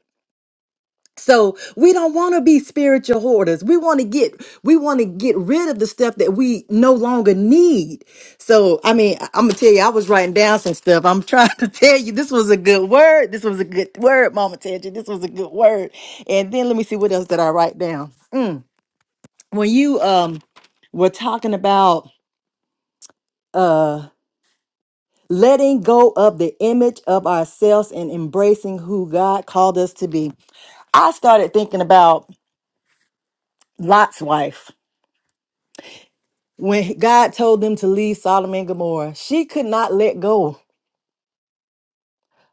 So we don't want to be spiritual hoarders. We want to get we want to get rid of the stuff that we no longer need. So I mean, I'm gonna tell you, I was writing down some stuff. I'm trying to tell you, this was a good word. This was a good word, Mama Tangie. This was a good word. And then let me see what else did I write down. Mm. When you um were talking about uh letting go of the image of ourselves and embracing who God called us to be, I started thinking about Lot's wife. when God told them to leave Sodom and Gomorrah, she could not let go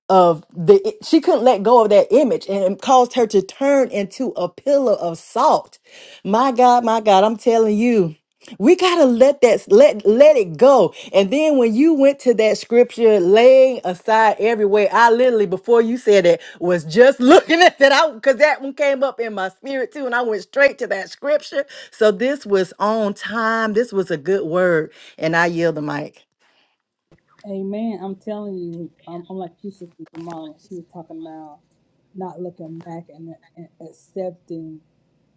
of the she couldn't let go of that image and it caused her to turn into a pillar of salt my god my god i'm telling you we gotta let that let let it go. And then when you went to that scripture, laying aside every way, I literally before you said it was just looking at that out because that one came up in my spirit too, and I went straight to that scripture. So this was on time. This was a good word, and I yield the mic. Amen. I'm telling you, I'm, I'm like you, Sister Jamal, when she was talking about not looking back and, and accepting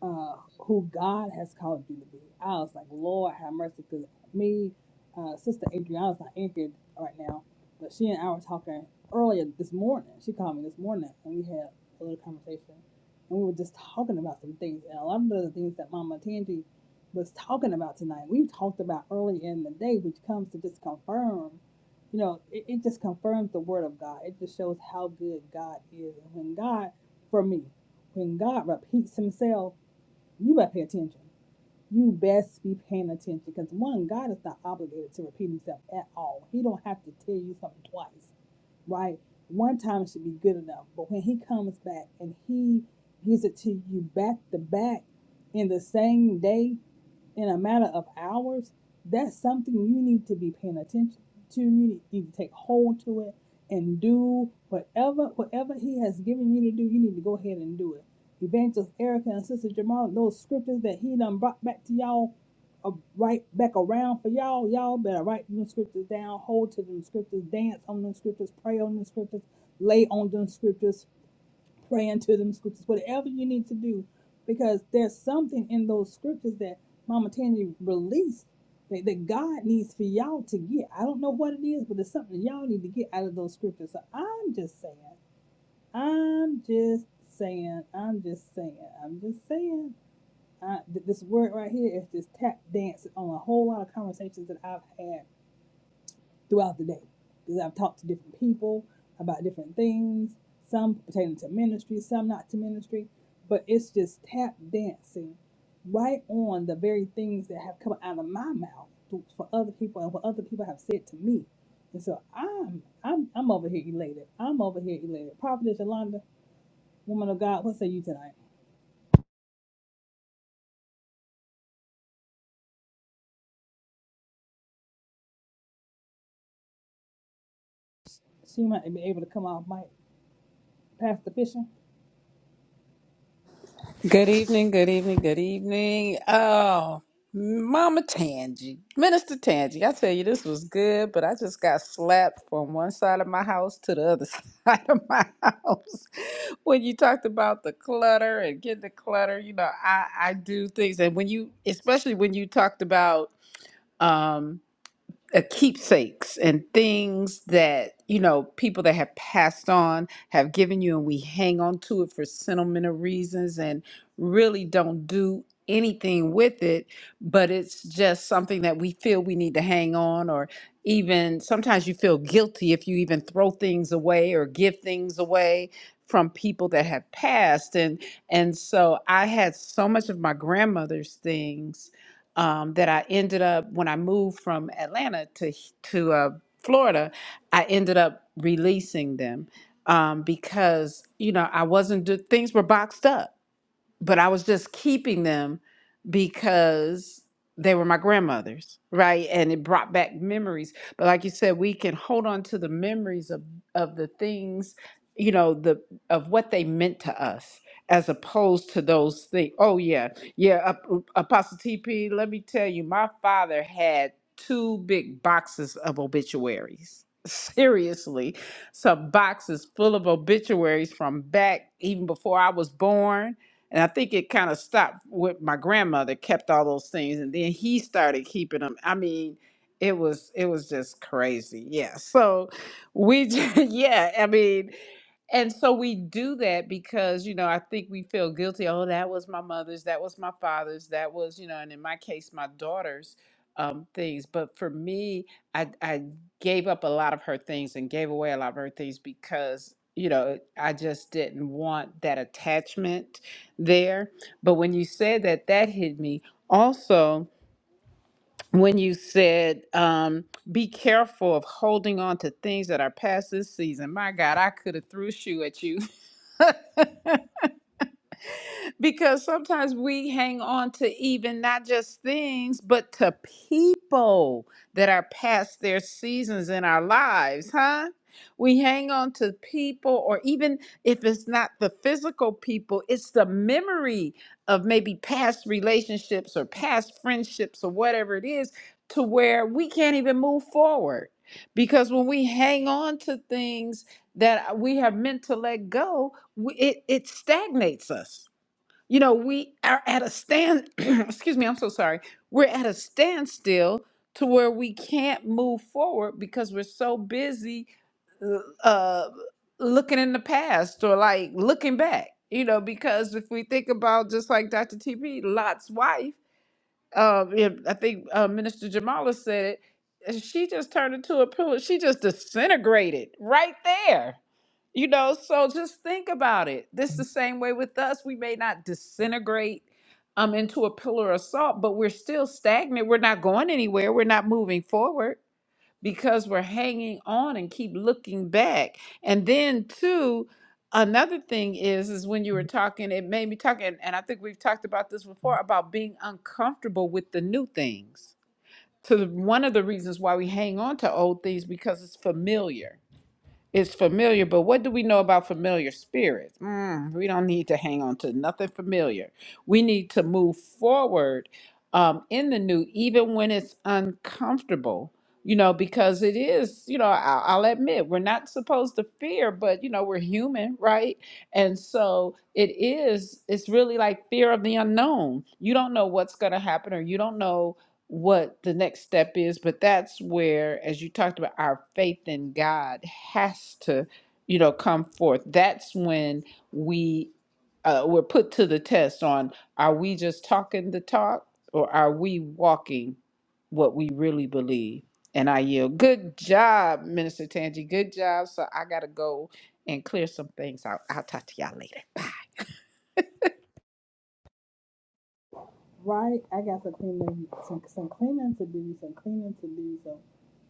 uh, who God has called you to be. I was like, Lord, have mercy. Because me, uh, Sister Adriana's not in here right now, but she and I were talking earlier this morning. She called me this morning, and we had a little conversation. And we were just talking about some things. And a lot of the things that Mama Tangi was talking about tonight, we talked about earlier in the day, which comes to just confirm you know, it, it just confirms the word of God. It just shows how good God is. And when God, for me, when God repeats himself, you better pay attention. You best be paying attention because one, God is not obligated to repeat himself at all. He don't have to tell you something twice, right? One time should be good enough. But when he comes back and he gives it to you back to back in the same day, in a matter of hours, that's something you need to be paying attention to. You need, to take hold to it and do whatever whatever he has given you to do. You need to go ahead and do it. Evangelist Erica and Sister Jamal, those scriptures that he done brought back to y'all, uh, right back around for y'all. Y'all better write them scriptures down, hold to them scriptures, dance on them scriptures, pray on them scriptures, lay on them scriptures, pray into them scriptures, whatever you need to do, because there's something in those scriptures that Mama Tanya released that, that God needs for y'all to get. I don't know what it is, but it's something y'all need to get out of those scriptures. So I'm just saying, I'm just saying, I'm just saying, I'm just saying. I, th- this word right here is just tap dancing on a whole lot of conversations that I've had throughout the day because I've talked to different people about different things, some pertaining to ministry, some not to ministry, but it's just tap dancing right on the very things that have come out of my mouth to- for other people and what other people have said to me. And so I'm I'm I'm over here elated. I'm over here elated. Prophetess Yolanda, woman of God, what say you tonight? She might be able to come off mic. Pastor Fisher. Good evening, good evening, good evening. Oh, Mama Tangi, Minister Tangi, I tell you, this was good, but I just got slapped from one side of my house to the other side of my house. When you talked about the clutter and getting the clutter, you know, I, I do things. And when you, especially when you talked about, um, uh, keepsakes and things that you know people that have passed on have given you and we hang on to it for sentimental reasons and really don't do anything with it but it's just something that we feel we need to hang on or even sometimes you feel guilty if you even throw things away or give things away from people that have passed and and so i had so much of my grandmother's things um, that I ended up when I moved from Atlanta to to uh, Florida, I ended up releasing them um, because you know I wasn't do- things were boxed up but I was just keeping them because they were my grandmother's, right? And it brought back memories. But like you said, we can hold on to the memories of of the things, you know, the of what they meant to us, as opposed to those things. Oh yeah, yeah. Ap- Apostle TP, let me tell you, my father had two big boxes of obituaries. Seriously, some boxes full of obituaries from back even before I was born and I think it kind of stopped with my grandmother kept all those things and then he started keeping them. I mean, it was it was just crazy. Yeah. So we just, yeah, I mean, and so we do that because you know i think we feel guilty oh that was my mother's that was my father's that was you know and in my case my daughter's um, things but for me I, I gave up a lot of her things and gave away a lot of her things because you know i just didn't want that attachment there. But when you said that, that hit me. Also, when you said, um, be careful of holding on to things that are past this season. My God, I could have threw a shoe at you. because sometimes we hang on to even not just things, but to people that are past their seasons in our lives, huh? We hang on to people, or even if it's not the physical people, it's the memory of maybe past relationships or past friendships or whatever it is, to where we can't even move forward. Because when we hang on to things that we have meant to let go, we- it, it stagnates us you know, we are at a stand, excuse me, I'm so sorry. We're at a standstill to where we can't move forward because we're so busy uh, uh, looking in the past or like looking back, you know, because if we think about just like Dr. TP, Lot's wife uh, yeah, I think uh, Minister Jamala said it. uh, She just turned into a pillar. She just disintegrated right there. You know, so just think about it. This the same way with us. We may not disintegrate um into a pillar of salt, but we're still stagnant. We're not going anywhere. We're not moving forward because we're hanging on and keep looking back. And then too, another thing is is when you were talking, it made me talk, and, and I think we've talked about this before about being uncomfortable with the new things. So the, one of the reasons why we hang on to old things because it's familiar is familiar, but what do we know about familiar spirits? Mm, we don't need to hang on to nothing familiar. We need to move forward um, in the new, even when it's uncomfortable, you know, because it is, you know, I'll, I'll admit, we're not supposed to fear, but, you know, we're human, right? And so it is, it's really like fear of the unknown. You don't know what's going to happen or you don't know what the next step is but that's where as you talked about our faith in god has to you know come forth that's when we uh, we're put to the test on are we just talking the talk or are we walking what we really believe and i yield good job minister tangi good job so i gotta go and clear some things out i'll talk to y'all later Right, I got some cleaning, some some cleaning to do, some cleaning to do, some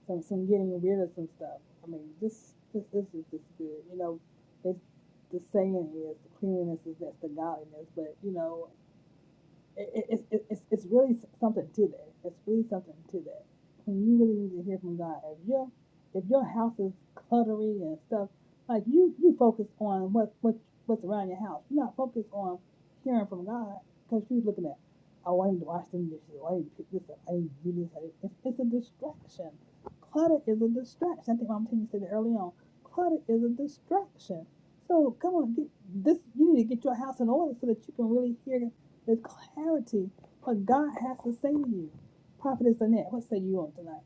some some getting rid of some stuff. I mean, this this this is just good. You know, it's the saying is the cleanliness is that's the godliness, but you know, it, it, it, it's, it's really something to that. It's really something to that. And you really need to hear from God. If your if your house is cluttery and stuff, like you you focus on what what what's around your house. You're not focused on hearing from God because you're looking at, oh, I need to wash them dishes. Oh, I need to pick this up. I need to do this. It's, it's a distraction. Clutter is a distraction. I think Mama Tina said it early on. Clutter is a distraction. So come on, get this. You need to get your house in order so that you can really hear there's clarity. What God has to say to you. Prophetess Annette, what say you on tonight?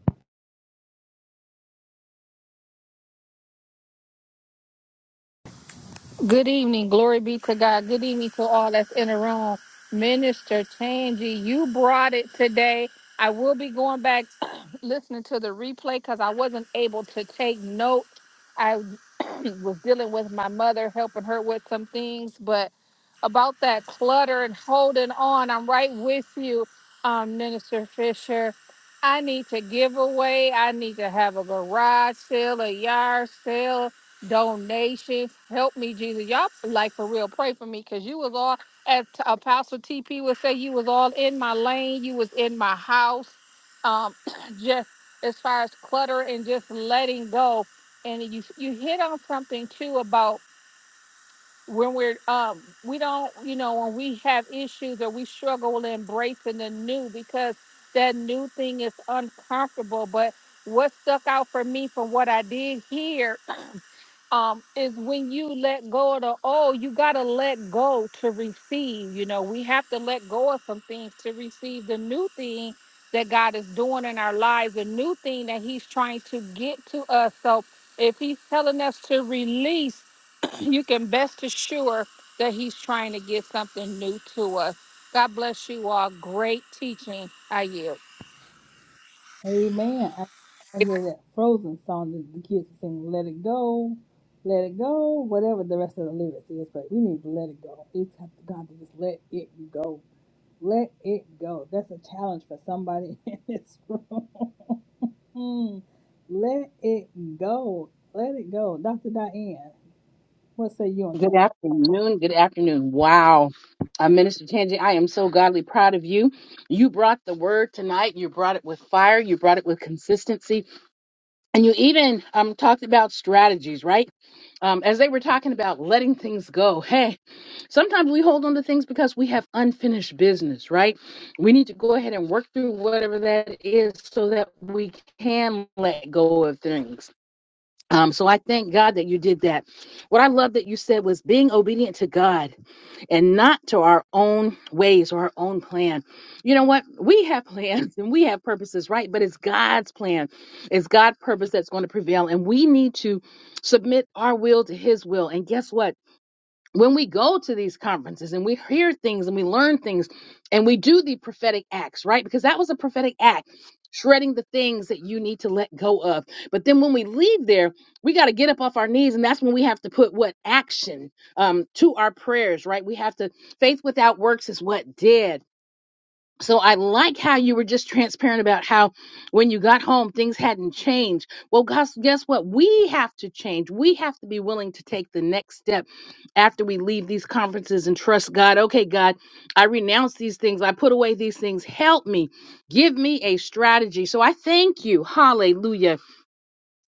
Good evening. Glory be to God. Good evening to all that's in the room. Minister Tangi, you brought it today. I will be going back listening to the replay because I wasn't able to take note. I was dealing with my mother, helping her with some things, but about that clutter and holding on. I'm right with you, um, Minister Fisher. I need to give away. I need to have a garage sale, a yard sale, donations. Help me, Jesus. Y'all, like for real, pray for me because you was all, as Apostle TP would say, you was all in my lane. You was in my house. Um, just as far as clutter and just letting go. And you you hit on something too about when we're um we don't you know when we have issues or we struggle with embracing the new because that new thing is uncomfortable but what stuck out for me from what i did here um is when you let go of the old you got to let go to receive you know we have to let go of some things to receive the new thing that god is doing in our lives the new thing that he's trying to get to us so if he's telling us to release you can best assure that he's trying to get something new to us. God bless you all. Great teaching. I yield. Amen. I, I hear that frozen song that the kids sing, Let It Go, Let It Go, whatever the rest of the lyrics is, but we need to let it go. It's up to God to just let it go. Let it go. That's a challenge for somebody in this room. Mm. Let it go. Let it go. Dr. Diane, what say you on tonight? Good afternoon. Good afternoon. Wow. Uh, Minister Tangi, I am so godly proud of you. You brought the word tonight. You brought it with fire. You brought it with consistency. And you even um, talked about strategies, right? Um, as they were talking about letting things go. Hey, sometimes we hold on to things because we have unfinished business, right? We need to go ahead and work through whatever that is so that we can let go of things. Um, so I thank God that you did that. What I love that you said was being obedient to God and not to our own ways or our own plan. You know what? We have plans and we have purposes, right? But it's God's plan. It's God's purpose that's going to prevail. And we need to submit our will to his will. And guess what? when we go to these conferences and we hear things and we learn things and we do the prophetic acts, right? Because that was a prophetic act, shredding the things that you need to let go of. But then when we leave there, we got to get up off our knees and that's when we have to put what action um to our prayers, right? We have to faith without works is what dead. So I like how you were just transparent about how when you got home things hadn't changed. Well, guess guess what? We have to change. We have to be willing to take the next step after we leave these conferences and trust God. Okay, God, I renounce these things. I put away these things. Help me. Give me a strategy. So I thank you. Hallelujah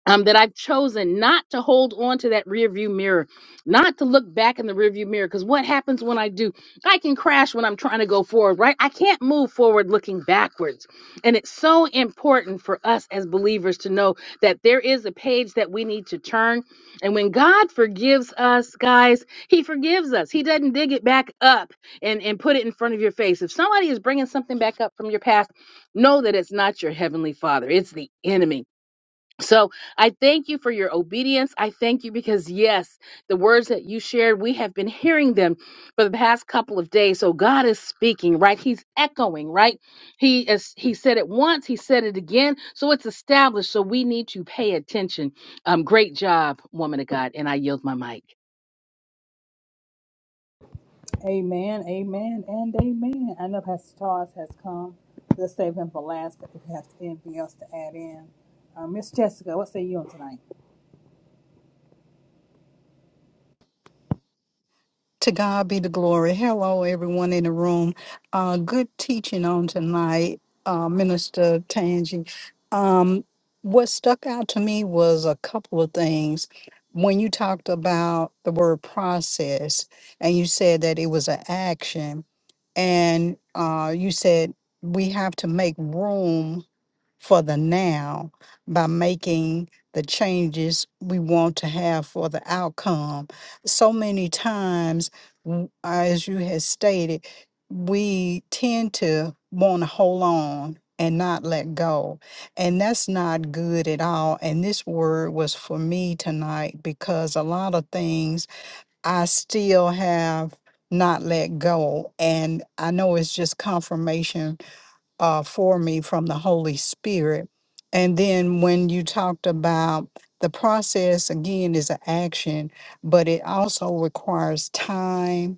um, that I've chosen not to hold on to that rearview mirror, not to look back in the rearview mirror. Because what happens when I do? I can crash when I'm trying to go forward, right? I can't move forward looking backwards. And it's so important for us as believers to know that there is a page that we need to turn. And when God forgives us, guys, He forgives us. He doesn't dig it back up and, and put it in front of your face. If somebody is bringing something back up from your past, know that it's not your Heavenly Father, it's the enemy so I thank you for your obedience. I thank you because, yes, the words that you shared, we have been hearing them for the past couple of days. So God is speaking, right? He's echoing, right? He is, he said it once, he said it again. So it's established. So we need to pay attention. Um, great job, woman of God. And I yield my mic. Amen, amen, and amen. I know Pastor Charles has come. Let's save him for last, but if you have anything else to add in. Uh, Miss Jessica, what say you on tonight? To God be the glory. Hello, everyone in the room. Uh, good teaching on tonight, uh, Minister Tangi. Um, what stuck out to me was a couple of things. When you talked about the word process and you said that it was an action, and uh, you said we have to make room for the now by making the changes we want to have for the outcome. So many times, w- as you had stated, we tend to want to hold on and not let go. And that's not good at all. And this word was for me tonight because a lot of things I still have not let go. And I know it's just confirmation uh, for me from the Holy Spirit. And then when you talked about the process, again, is an action, but it also requires time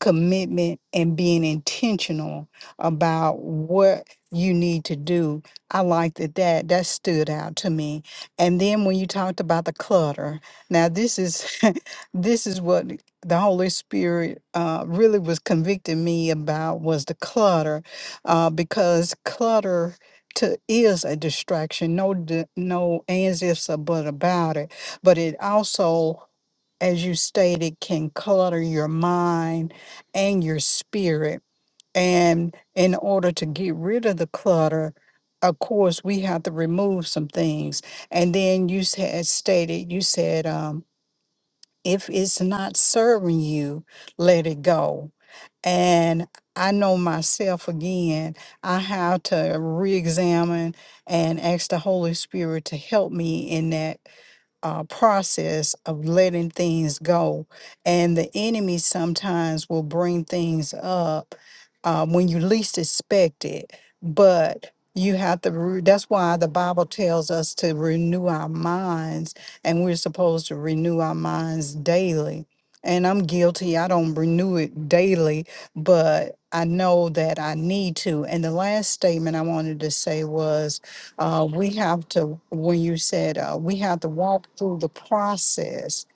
commitment and being intentional about what you need to do. I like that that that stood out to me. And then when you talked about the clutter, now this is this is what the Holy Spirit uh, really was convicting me about was the clutter, uh, because clutter to is a distraction. No, di- no ands ifs or but about it. But it also as you stated, can clutter your mind and your spirit. And in order to get rid of the clutter, of course, we have to remove some things. And then you had stated, you said, um, if it's not serving you, let it go. And I know myself again, I have to re examine and ask the Holy Spirit to help me in that uh, process of letting things go. And the enemy sometimes will bring things up uh, when you least expect it. But you have to, re- that's why the Bible tells us to renew our minds, and we're supposed to renew our minds daily. And I'm guilty. I don't renew it daily, but I know that I need to. And the last statement I wanted to say was uh, we have to, when you said uh, we have to walk through the process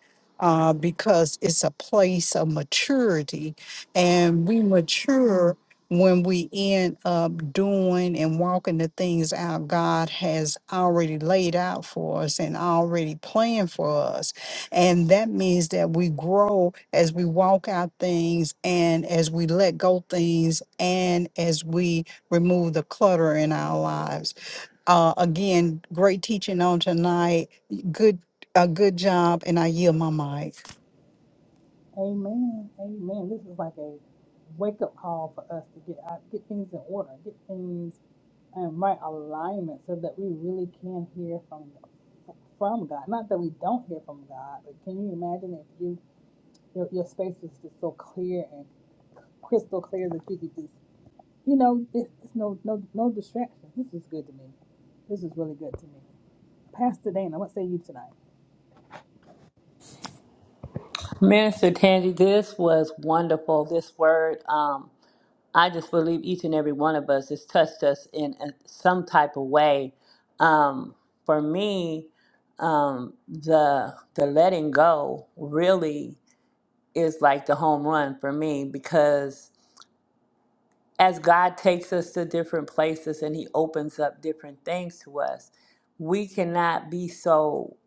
uh, because it's a place of maturity, and we mature when we end up doing and walking the things out God has already laid out for us and already planned for us. And that means that we grow as we walk out things and as we let go things and as we remove the clutter in our lives. Uh, again, great teaching on tonight. Good, a good job, and I yield my mic. Amen, amen. This is like a wake up call for us to get out, get things in order, get things in right alignment so that we really can hear from from God. Not that we don't hear from God, but can you imagine if you your, your space was just so clear and crystal clear that you could just you know, it's no no no distraction. This is good to me. This is really good to me. Pastor Dana, what say you tonight? Minister Tangi, this was wonderful. This word, um, I just believe each and every one of us has touched us in a, some type of way. Um, for me, um, the the letting go really is like the home run for me because as God takes us to different places and He opens up different things to us, we cannot be so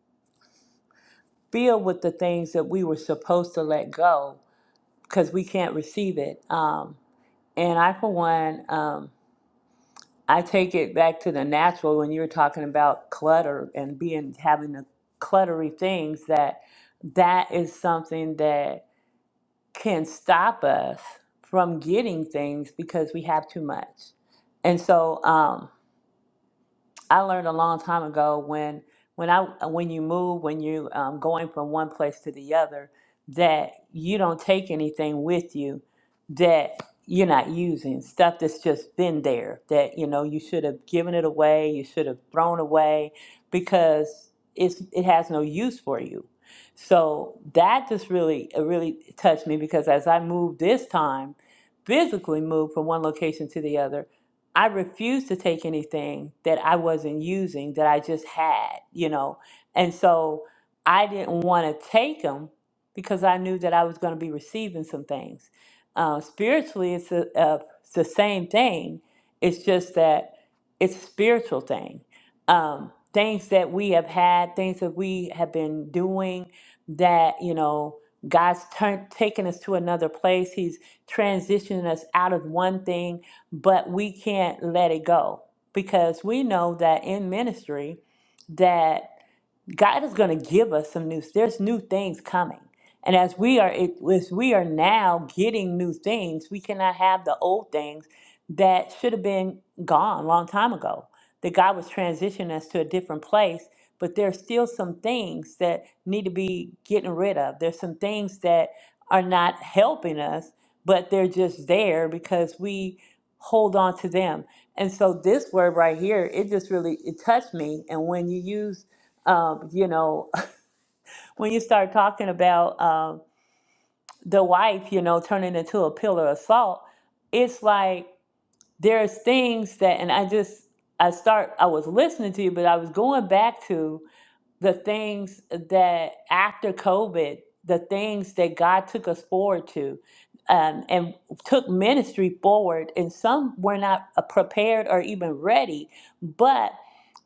filled with the things that we were supposed to let go because we can't receive it. Um, and I, for one, um, I take it back to the natural when you were talking about clutter and being having the cluttery things that that is something that can stop us from getting things because we have too much. And so, um, I learned a long time ago when when I when you move when you um, going from one place to the other that you don't take anything with you that you're not using stuff that's just been there that you know you should have given it away you should have thrown away because it's it has no use for you so that just really it really touched me because as I moved this time physically moved from one location to the other I refused to take anything that I wasn't using that I just had, you know. And so I didn't want to take them because I knew that I was going to be receiving some things. Uh, spiritually, it's, a, uh, it's the same thing. It's just that it's a spiritual thing. Um, things that we have had, things that we have been doing that, you know, God's turned taken us to another place. He's transitioning us out of one thing but we can't let it go because we know that in ministry, that God is going to give us some new. There's new things coming, and as we are it, as we are now getting new things, we cannot have the old things that should have been gone a long time ago. That God was transitioning us to a different place, but there's still some things that need to be getting rid of. There's some things that are not helping us, but they're just there because we hold on to them. And so this word right here, it just really it touched me. And when you use um, you know, when you start talking about um, the wife, you know, turning into a pillar of salt, it's like there's things that, and I just, I start, I was listening to you, but I was going back to the things that after COVID, the things that God took us forward to um, and took ministry forward. And some were not uh, prepared or even ready, but.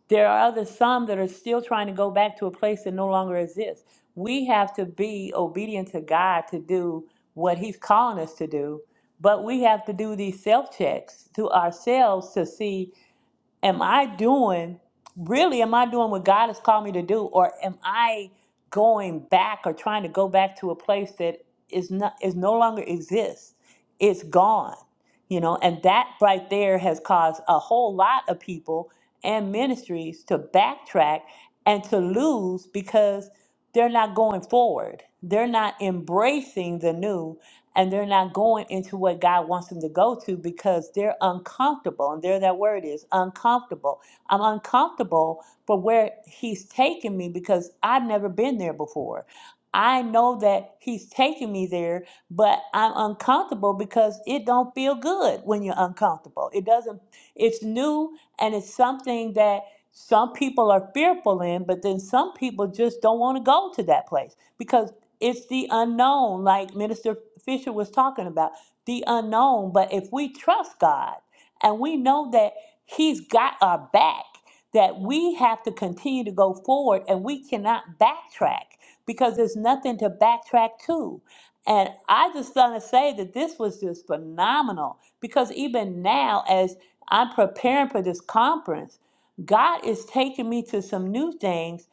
There are others, some that are still trying to go back to a place that no longer exists. We have to be obedient to God to do what He's calling us to do, but we have to do these self checks to ourselves to see am I doing, really, am I doing what God has called me to do? Or am I going back or trying to go back to a place that is not is no longer exists? It's gone. You know, and that right there has caused a whole lot of people and ministries to backtrack and to lose because they're not going forward. They're not embracing the new and they're not going into what God wants them to go to because they're uncomfortable. And there that word is uncomfortable. I'm uncomfortable for where He's taking me because I've never been there before. I know that He's taking me there, but I'm uncomfortable because it don't feel good when you're uncomfortable. It doesn't, it's new and it's something that some people are fearful in, but then some people just don't want to go to that place because it's the unknown, like Minister Fisher was talking about, the unknown. But if we trust God and we know that He's got our back, that we have to continue to go forward and we cannot backtrack because there's nothing to backtrack to. And I just want to say that this was just phenomenal because even now, as I'm preparing for this conference, God is taking me to some new things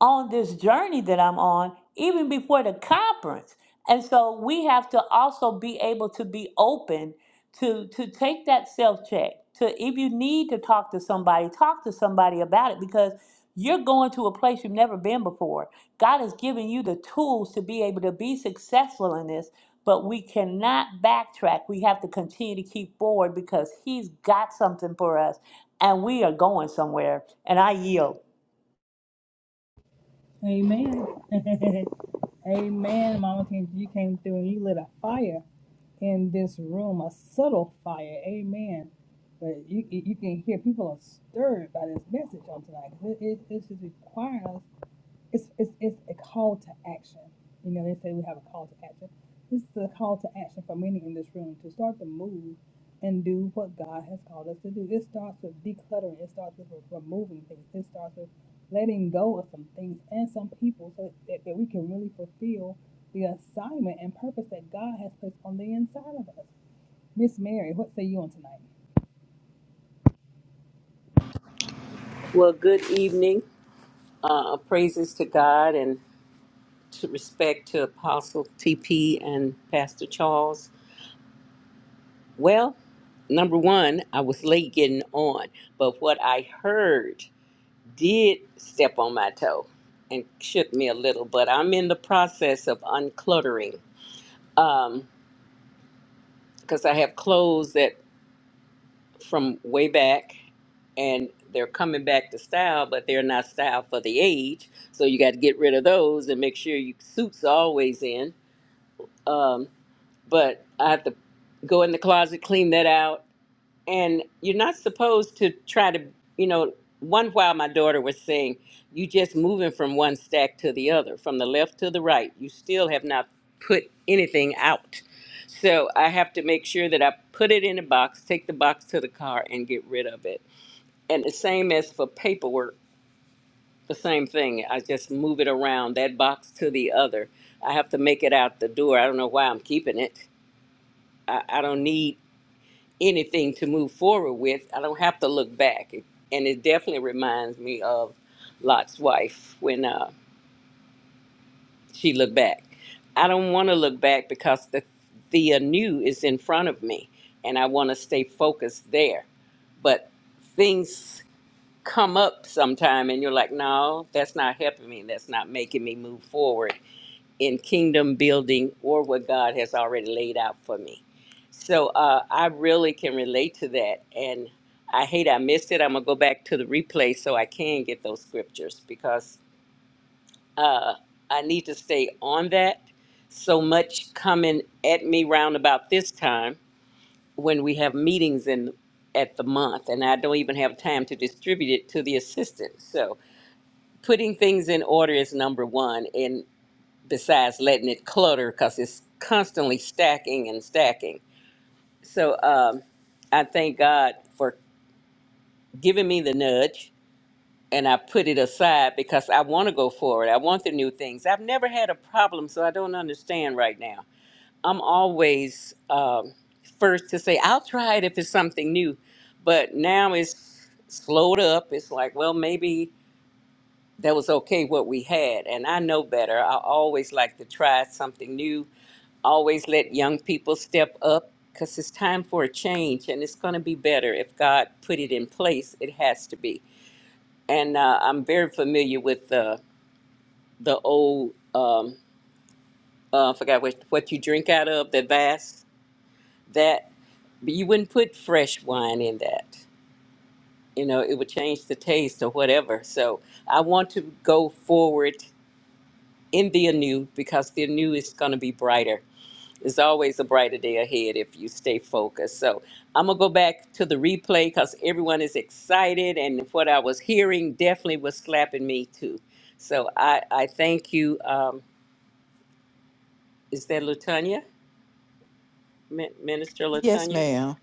on this journey that I'm on, even before the conference. And so we have to also be able to be open to to take that self check. To if you need to talk to somebody, talk to somebody about it because you're going to a place you've never been before. God has given you the tools to be able to be successful in this, but we cannot backtrack. We have to continue to keep forward because He's got something for us and we are going somewhere. And I yield. Amen. Amen, Mama Tina. You came through and you lit a fire in this room, a subtle fire. Amen. But you you you can hear people are stirred by this message on tonight. It, it, it's just requiring us it's, it's, it's a call to action. You know, they say we have a call to action. This is a call to action for many in this room to start to move and do what God has called us to do. It starts with decluttering, it starts with removing things, it starts with letting go of some things and some people so that, that we can really fulfill the assignment and purpose that God has placed on the inside of us. Miss Mary, what say you on tonight? Well, good evening. Uh, praises to God and to respect to Apostle TP and Pastor Charles. Well, number one, I was late getting on, but what I heard did step on my toe and shook me a little. But I'm in the process of uncluttering because I have clothes that from way back and they're coming back to style, but they're not style for the age. So you got to get rid of those and make sure your suits are always in. Um, but I have to go in the closet, clean that out, and you're not supposed to try to you know one while my daughter was saying you just moving from one stack to the other from the left to the right you still have not put anything out so i have to make sure that i put it in a box take the box to the car and get rid of it and the same as for paperwork the same thing i just move it around that box to the other i have to make it out the door i don't know why i'm keeping it i, I don't need anything to move forward with. I don't have to look back. It- And it definitely reminds me of Lot's wife when uh, she looked back. I don't want to look back because the, the anew is in front of me and I want to stay focused there. But things come up sometime and you're like, no, that's not helping me. That's not making me move forward in kingdom building or what God has already laid out for me. So uh, I really can relate to that. And I hate I missed it. I'm going to go back to the replay so I can get those scriptures because uh, I need to stay on that. So much coming at me round about this time when we have meetings in at the month and I don't even have time to distribute it to the assistant. So putting things in order is number one besides letting it clutter because it's constantly stacking and stacking. So um, I thank God for giving me the nudge and I put it aside because I want to go forward. I want the new things. I've never had a problem, so I don't understand right now. I'm always um, first to say, I'll try it if it's something new. But now it's slowed up. It's like, well, maybe. that was okay what we had. And I know better. I always like to try something new, always let young people step up because it's time for a change and it's going to be better. If God put it in place, it has to be. And uh, I'm very familiar with the, the old, um, uh, I forgot what, what you drink out of, the vase, that but you wouldn't put fresh wine in that. You know, it would change the taste or whatever. So I want to go forward in the anew because the anew is going to be brighter. There's always a brighter day ahead if you stay focused. So I'm going to go back to the replay because everyone is excited, and what I was hearing definitely was slapping me too. So I, I thank you. Um, is that Latonya? Min- Minister yes Latonya? ma'am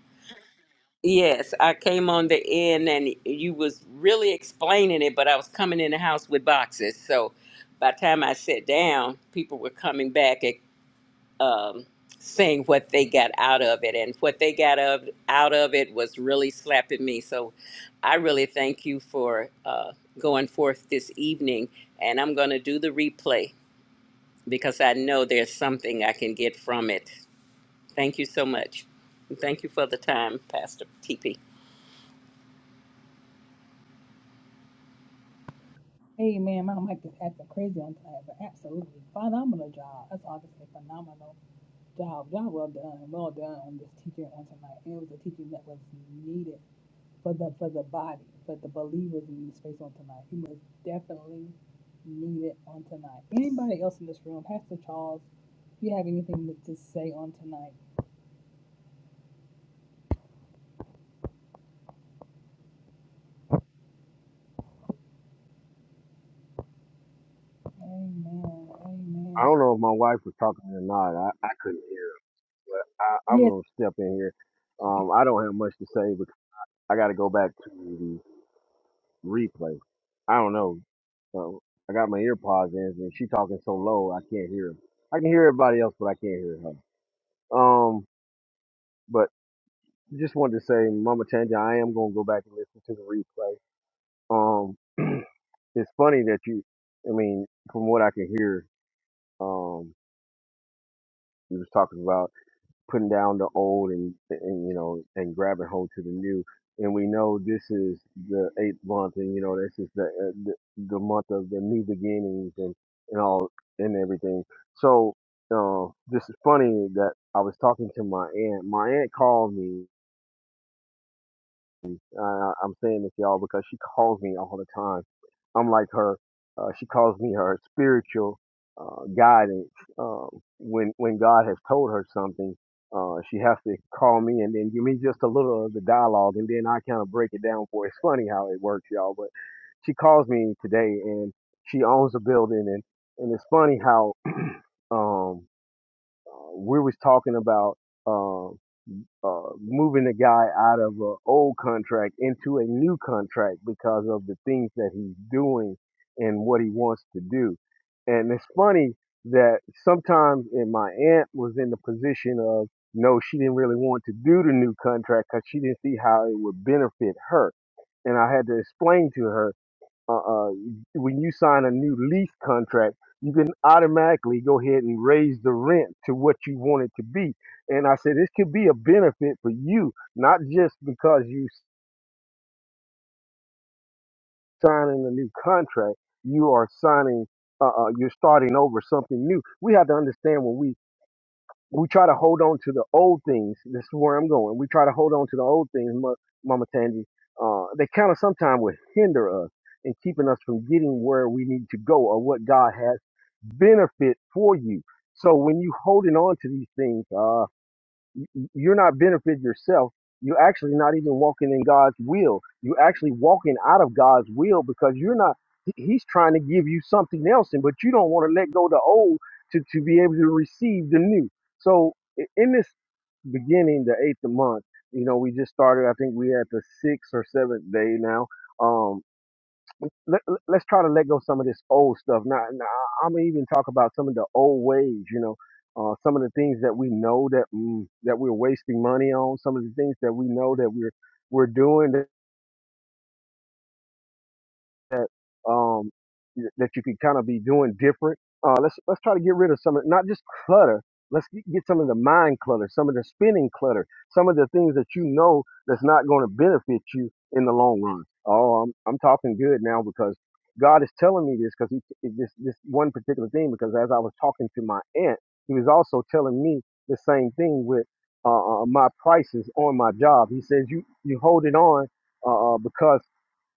Yes, I came on the end and you was really explaining it, but I was coming in the house with boxes. So by the time I sat down, people were coming back. um, saying what they got out of it, and what they got of, out of it was really slapping me. So I really thank you for uh, going forth this evening, and I'm going to do the replay because I know there's something I can get from it. Thank you so much. And Thank you for the time, Pastor TP. Hey man, my mic is acting crazy on tonight, but absolutely. Phenomenal job. That's obviously phenomenal. Job, job well done, well done on this teaching on tonight. And it was a teaching that was needed for the for the body, for the believers in this space on tonight. It was definitely needed on tonight. Anybody else in this room, Pastor Charles, if you have anything to say on tonight. Amen. I Amen. don't know if my wife was talking or not. I, I couldn't hear her, but I, I'm Yes. gonna step in here. Um, I don't have much to say, because I got to go back to the replay. I don't know. So I got my ear pods in, and she talking so low I can't hear her. I can hear everybody else, but I can't hear her. Um, but just wanted to say, Mama Change, I am gonna go back and listen to the replay. Um, it's funny that you i mean from what i can hear um you was talking about putting down the old and, and you know and grabbing hold to the new and we know this is the eighth month and you know this is the uh, the, the month of the new beginnings and and all and everything so uh, this is funny that i was talking to my aunt my aunt called me Uh, I'm saying this, y'all, because she calls me all the time. I'm like her. Uh, she calls me her spiritual uh, guidance. Um, when when God has told her something, uh, she has to call me and then give me just a little of the dialogue, and then I kind of break it down for. her. It's funny how it works, y'all. But she calls me today, and she owns a building, and and it's funny how um, uh, we was talking about. uh, uh, moving a guy out of an old contract into a new contract because of the things that he's doing and what he wants to do. And it's funny that sometimes, and my aunt was in the position of no, she didn't really want to do the new contract because she didn't see how it would benefit her. And I had to explain to her uh, uh, when you sign a new lease contract, you can automatically go ahead and raise the rent to what you want it to be. And I said, this could be a benefit for you, not just because you signing a new contract, you are signing, uh, uh, you're starting over something new. We have to understand when we, we try to hold on to the old things. This is where I'm going. We try to hold on to the old things, Mo- Mama Tandy. Uh, they kind of sometimes will hinder us and keeping us from getting where we need to go or what God has benefit for you. So when you holding on to these things, uh, you're not benefiting yourself. You're actually not even walking in God's will. You're actually walking out of God's will because you're not. he- He's trying to give you something else, and but you don't want to let go of the old to to be able to receive the new. So i- in this beginning, the eighth of month, you know, we just started. I think we had the sixth or seventh day now. Um, let, let- us try to let go some of this old stuff. Now, now I'm gonna even talk about some of the old ways. You know, uh, some of the things that we know that mm, that we're wasting money on. Some of the things that we know that we're we're doing that um that you could kind of be doing different. Uh, let's let's try to get rid of some of not just clutter. Let's get get some of the mind clutter, some of the spinning clutter, some of the things that you know that's not going to benefit you in the long run. Oh, I'm I'm talking good now because God is telling me this because he this this one particular thing because as I was talking to my aunt, he was also telling me the same thing with uh, uh, my prices on my job. He says you you hold it on uh, uh, because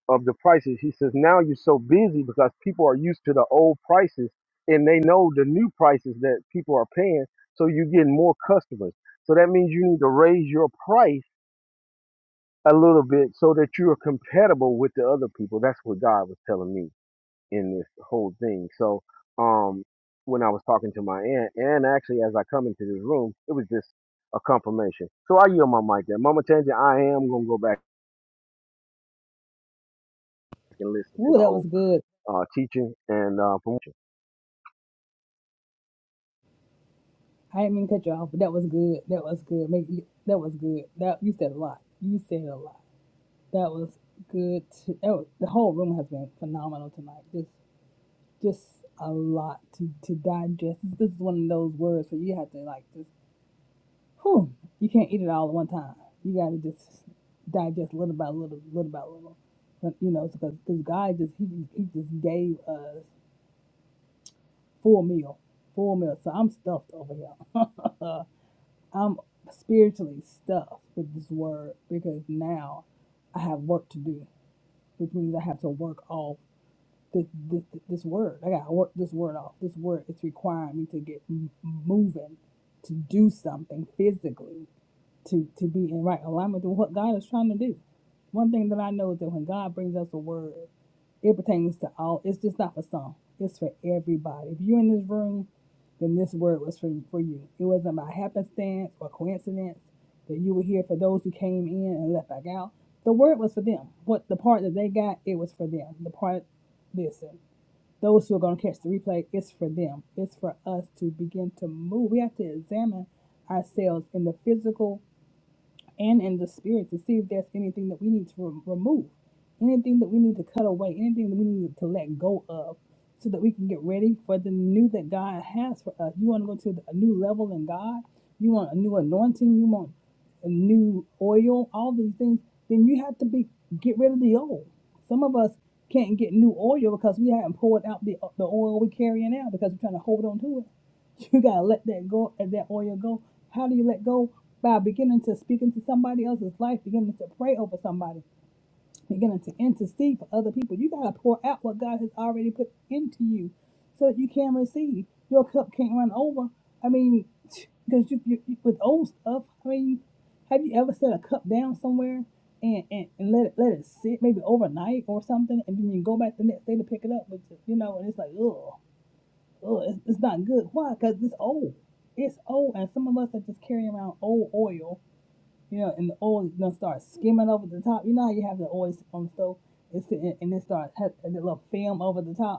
of the prices. He says, now you're so busy because people are used to the old prices and they know the new prices that people are paying. So you're getting more customers. So that means you need to raise your price a little bit so that you are compatible with the other people. That's what God was telling me in this whole thing. So, um, when I was talking to my aunt and actually as I come into this room, it was just a confirmation. So I yield my mic there. Mama Tangent, I am going to go back and listen to Woo, the that was whole good. uh, teaching and uh, promotion. I didn't mean to cut you off, but that was good. That was good. Make you, that was good. That you said a lot. You said a lot. That was good. To, that was, the whole room has been phenomenal tonight. Just just a lot to to digest. This is one of those words where you have to like just whew, you can't eat it all at one time. You got to just digest little by little, little by little. But you know, because because God just he he just gave us full meal, full meal. So I'm stuffed over here. I'm spiritually stuffed with this word because now I have work to do, which means I have to work all this this, this word. I gotta work this word off. This word it's requiring me to get m- moving, to do something physically to to be in right alignment with what God is trying to do. One thing that I know is that when God brings us a word, it pertains to all. It's just not for some. It's for everybody. If you're in this room, then this word was for for you. It wasn't by happenstance or coincidence that you were here. For those who came in and left back out, the word was for them. What the part that they got, it was for them. The part, listen, those who are going to catch the replay, it's for them. It's for us to begin to move. We have to examine ourselves in the physical and in the spirit to see if there's anything that we need to re- remove, anything that we need to cut away, anything that we need to let go of, so that we can get ready for the new that God has for us. You want to go to the- a new level in God, you want a new anointing, you want a new oil, all these things. Then you have to be get rid of the old. Some of us can't get new oil because we haven't poured out the the oil we're carrying out because we're trying to hold on to it. You gotta let that go and that oil go. How do you let go? By beginning to speak into somebody else's life, beginning to pray over somebody, beginning to intercede for other people. You gotta pour out what God has already put into you so that you can receive. Your cup can't run over. I mean, because you, you, you with old stuff, I mean, have you ever set a cup down somewhere and, and, and let it let it sit maybe overnight or something and then you go back the next day to pick it up but you know and it's like ugh oh, it's, it's not good. Why? Because it's old. It's old, and some of us are just carrying around old oil, you know, and the oil is gonna start skimming over the top. You know how you have the oil on the stove, it's sitting, and it starts has that little film over the top.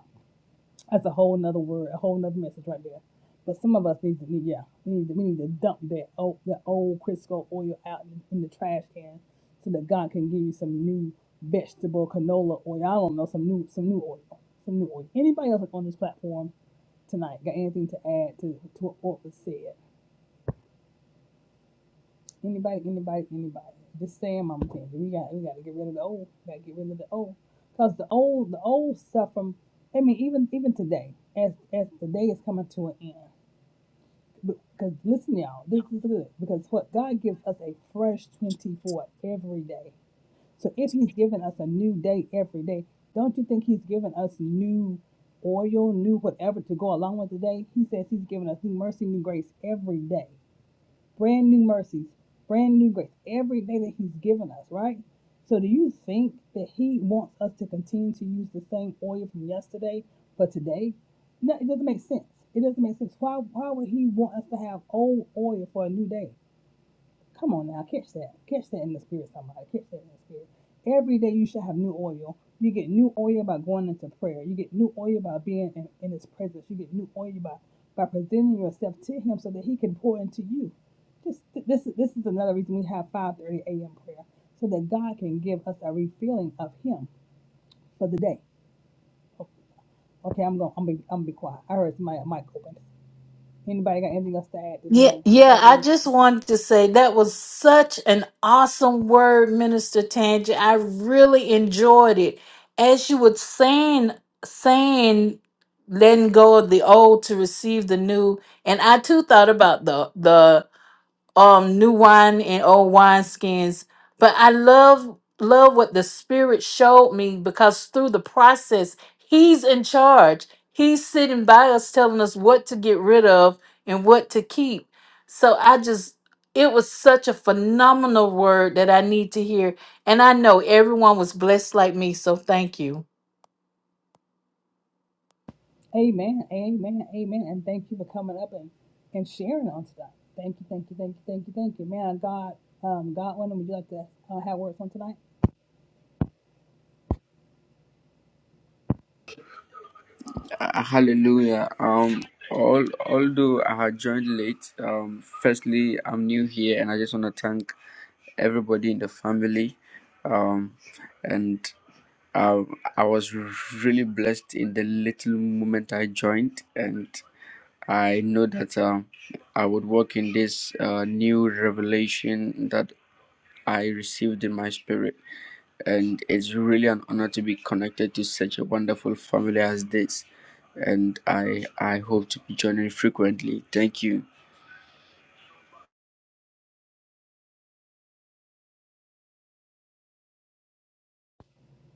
That's a whole nother word, a whole nother message right there. But some of us need to, need- yeah, we need to, we need to dump that old, that old Crisco oil out in, in the trash can, so that God can give you some new vegetable canola oil. I don't know, some new, some new oil, some new oil. Anybody else on this platform tonight got anything to add to to what was said? Anybody, anybody, anybody. Just saying, Mama Tangy, we got we got to get rid of the old. We Got to get rid of the old, cause the old the old stuff from. I mean, even even today, as as the day is coming to an end. Because listen, y'all, this is good. Because what God gives us a fresh twenty four every day. So if He's giving us a new day every day, don't you think He's giving us new oil, new whatever to go along with the day? He says He's giving us new mercy, new grace every day brand new mercies, brand new grace every day that He's given us, right? So, do you think that He wants us to continue to use the same oil from yesterday for today? No, it doesn't make sense. It doesn't make sense. Why, why would He want us to have old oil for a new day? Come on now, catch that. Catch that in the spirit, somebody. Catch that in the spirit. Every day you should have new oil. You get new oil by going into prayer. You get new oil by being in, in his presence. You get new oil by, by presenting yourself to him so that he can pour into you. This, this, is- this is another reason we have 5.30 a.m. prayer, so that God can give us a refilling of him for the day. Okay, I'm going to I'm gonna be, I'm gonna be quiet. I heard my mic open. Anybody got anything else to add this Yeah, morning, this yeah, I afternoon? just wanted to say that was such an awesome word, Minister Tangi. I really enjoyed it. As you were saying, saying, letting go of the old to receive the new, and I too thought about the the um new wine and old wine skins but i love love what the spirit showed me because through the process he's in charge he's sitting by us telling us what to get rid of and what to keep so i just it was such a phenomenal word that i need to hear and i know everyone was blessed like me so thank you Amen. Amen. Amen. And thank you for coming up and, and sharing on tonight. Thank you. Thank you. Thank you. Thank you. Thank you. Man, God, um, Godwin, would you like to uh, have words on tonight? Uh, Hallelujah. Um, all, although I had joined late, um, firstly, I'm new here and I just want to thank everybody in the family. Um, and um, I was really blessed in the little moment I joined, and I know that um, I would walk in this uh, new revelation that I received in my spirit and it's really an honor to be connected to such a wonderful family as this and i i hope to be joining frequently thank you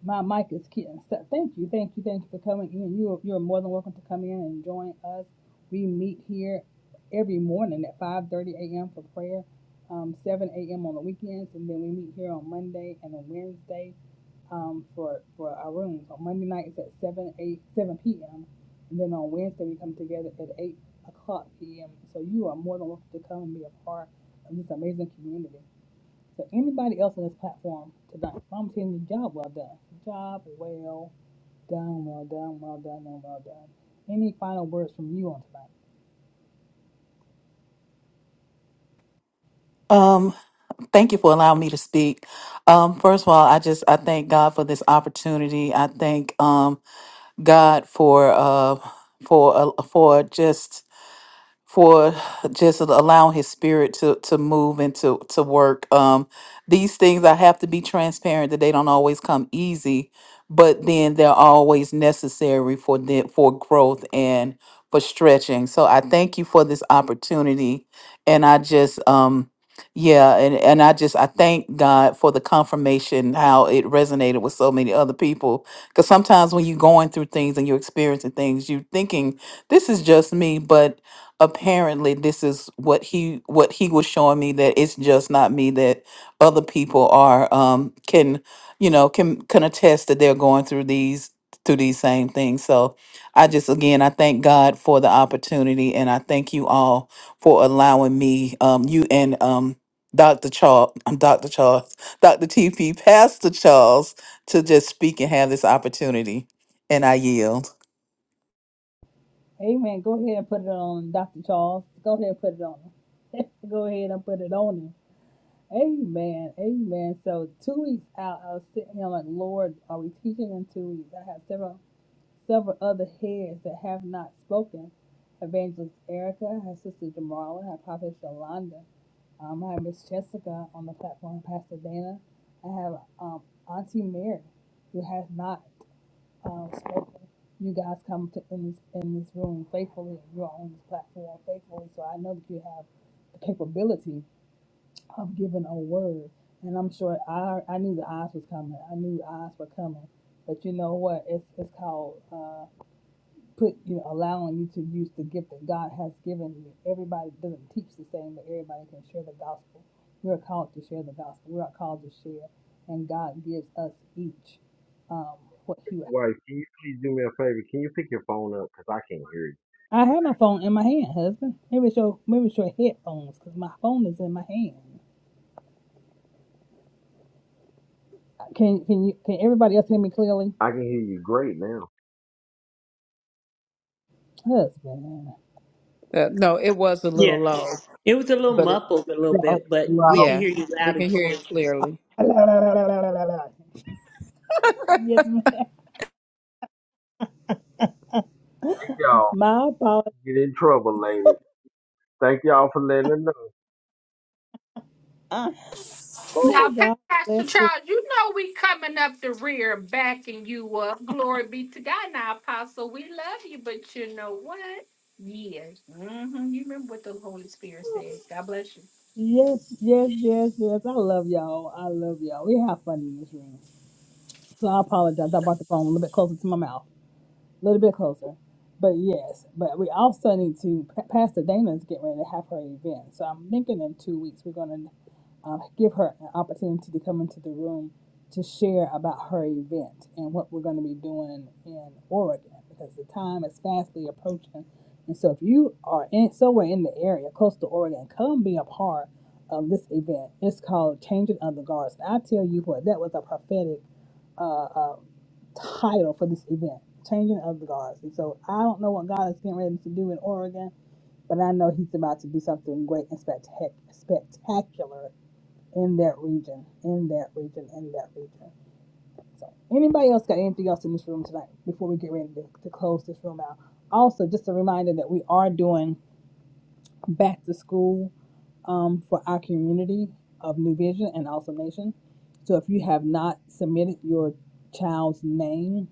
My mic is Keaton. So thank you, thank you, thank you for coming in. You are, you are more than welcome to come in and join us. We meet here every morning at 5:30 a.m. for prayer, um, 7 a.m. on the weekends, and then we meet here on Monday and on Wednesday um, for for our rooms. On Monday night it's at 7 8 7 p.m. and then on Wednesday we come together at 8 o'clock p.m. So you are more than welcome to come and be a part of this amazing community to anybody else on this platform tonight. I'm saying the job well done. Job well done, well done, well done, and well done. Any final words from you on tonight? Thank you for allowing me to speak. Um, first of all, I just I thank God for this opportunity. I thank um, God for uh, for uh, for just for just allowing his spirit to to move and to to work um these things i have to be transparent that they don't always come easy but then they're always necessary for the, for growth and for stretching so i thank you for this opportunity and i just um yeah and and i just i thank god for the confirmation how it resonated with so many other people because sometimes when you're going through things and you're experiencing things you're thinking this is just me but apparently this is what he what he was showing me that it's just not me that other people are um can you know can can attest that they're going through these through these same things so i just again i thank god for the opportunity and i thank you all for allowing me um you and um dr charles i'm dr charles dr tp pastor charles to just speak and have this opportunity and i yield Amen. Go ahead and put it on Dr. Charles. Go ahead and put it on him. Go ahead and put it on him. Amen. Amen. So two weeks out, I was sitting here like, Lord, are we teaching in two weeks? I have several several other heads that have not spoken. Evangelist Erica, her sister Jamarla, her prophet Yolanda. Um, I have Miss Jessica on the platform, Pastor Dana. I have um, Auntie Mary, who has not um, spoken. You guys come to in this in this room faithfully. You're on this platform faithfully, so I know that you have the capability of giving a word. And I'm sure I I knew the eyes was coming. I knew the eyes were coming. But you know what? It's it's called. uh, put you know allowing you to use the gift that God has given you. Everybody doesn't teach the same, but everybody can share the gospel. We're called to share the gospel. We're called to share, and God gives us each um, what He. would- Wife, can you please do me a favor? Can you pick your phone up? Because I can't hear you. I have my phone in my hand, husband. Maybe it's your maybe it's your headphones because my phone is in my hand. Can can you can everybody else hear me clearly, I can hear you great now. husband? uh, no it was a little Yeah. low It was a little but it muffled a little Yes, bit, but we Lord. can yeah hear you we loud and can hear clear. it clearly La, la, la, la, la, la, la, la. Yes, ma'am. Thank y'all. My apologies. Get in trouble, ladies. Thank y'all for letting us know. Uh, Now, Oh God Pastor bless. the. Charles, you know we coming up the rear, backing you up. Glory be to God. Now, Apostle, we love you, but you know what? Yes. hmm You remember what the Holy Spirit says? God bless you. Yes, yes, yes, yes. I love y'all. I love y'all. We have fun in this room. So I apologize. I brought the phone a little bit closer to my mouth, a little bit closer. But yes, but we also need to, Pastor Dana's getting ready to have her event. So I'm thinking in two weeks we're going to uh, give her an opportunity to come into the room to share about her event and what we're going to be doing in Oregon because the time is fastly approaching. And so, if you are in somewhere in the area close to Oregon, come be a part of this event. It's called Changing of the Guards. I tell you what, that was a prophetic uh, uh, title for this event, Changing of the Guards. And so, I don't know what God is getting ready to do in Oregon, but I know He's about to do something great and spectac- spectacular in that region, in that region, in that region. So, anybody else got anything else in this room tonight before we get ready to, to close this room out? Also, just a reminder that we are doing back to school um, for our community of New Vision and Awesome Nation. So, if you have not submitted your child's name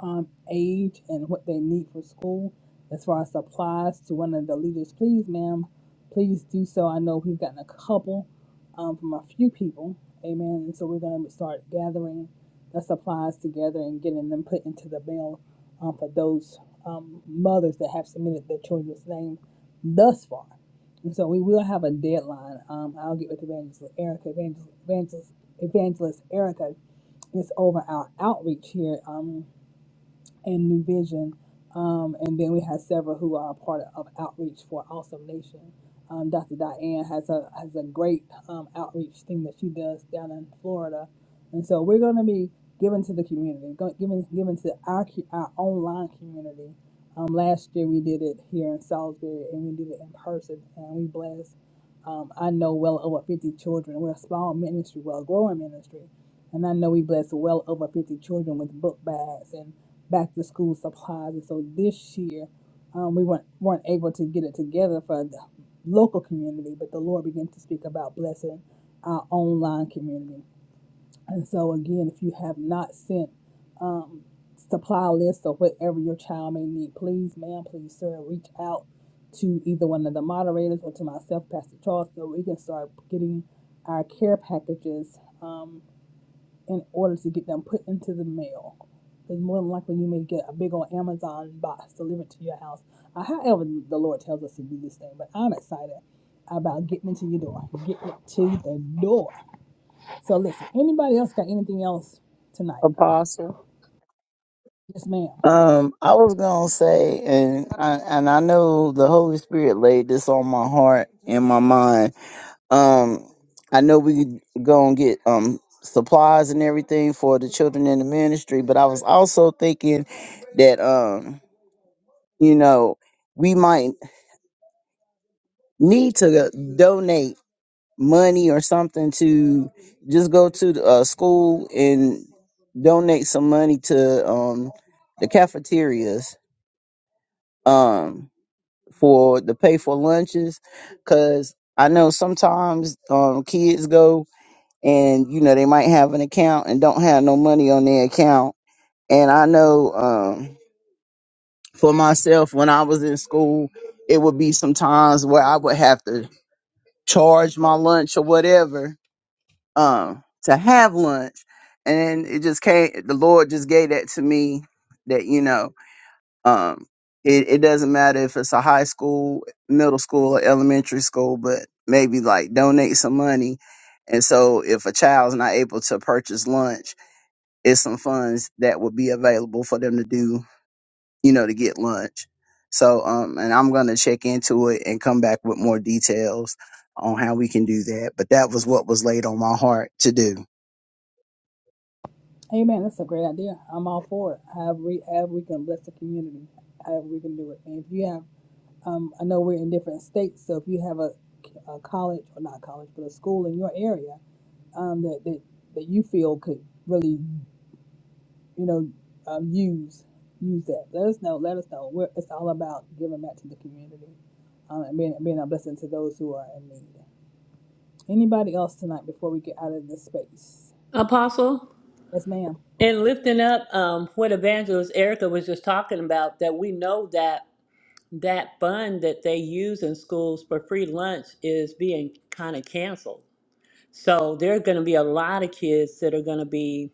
um, age and what they need for school as far as supplies to one of the leaders. Please, ma'am, please do so. I know we've gotten a couple um, from a few people. Amen. And so we're going to start gathering the supplies together and getting them put into the mail um, for those um, mothers that have submitted their children's name thus far. And so we will have a deadline. Um, I'll get with Evangelist Erica, Evangelist, Evangelist, Evangelist Erica. It's over our outreach here. um and New Vision. Um, and then we have several who are a part of Outreach for Awesome Nation. Um, Dr. Diane has a has a great um, outreach thing that she does down in Florida, and so we're going to be giving to the community, go- giving giving to our co- our online community. Um, last year we did it here in Salisbury, and we did it in person, and we blessed. Um, I know well over 50 children. We're a small ministry, well growing ministry, and I know we blessed well over 50 children with book bags back to school supplies. And so this year, um, we weren't, weren't able to get it together for the local community, but the Lord began to speak about blessing our online community. And so, again, if you have not sent um, supply lists or whatever your child may need, please, ma'am, please, sir, reach out to either one of the moderators or to myself, Pastor Charles, so we can start getting our care packages. Um, in order to get them put into the mail. Because more than likely you may get a big old Amazon box delivered to your house. Uh, however, the Lord tells us to do this thing, but I'm excited about getting it to your door, getting it to the door. So listen, anybody else got anything else tonight? Apostle. Yes, ma'am. Um, I was gonna say, and I, and I know the Holy Spirit laid this on my heart and my mind Um, I know we could go and get um supplies and everything for the children in the ministry, but I was also thinking that um, you know, we might need to donate money or something to just go to the uh, school and donate some money to um the cafeterias um for the pay for lunches because I know sometimes um kids go and you know they might have an account and don't have no money on their account and i know um for myself when i was in school it would be some times where i would have to charge my lunch or whatever um to have lunch and it just came the lord just gave that to me that you know um it, it doesn't matter if it's a high school middle school or elementary school but maybe like donate some money and so if a child's not able to purchase lunch is some funds that would be available for them to do, you know, to get lunch. So, um, and I'm going to check into it and come back with more details on how we can do that. But that was what was laid on my heart to do. Amen. That's a great idea. I'm all for it. However, we, however we can bless the community, however we can do it. And if you have, um, I know we're in different states, so if you have a, a college or not college, but a school in your area um, that, that that you feel could really, you know, um, use use that. Let us know. Let us know. We're, it's all about giving back to the community um, and being being a blessing to those who are in need. Anybody else tonight before we get out of this space? Apostle, Yes, ma'am. and lifting up um, what Evangelist Erica was just talking about, that we know that that fund that they use in schools for free lunch is being kind of canceled. So there are going to be a lot of kids that are going to be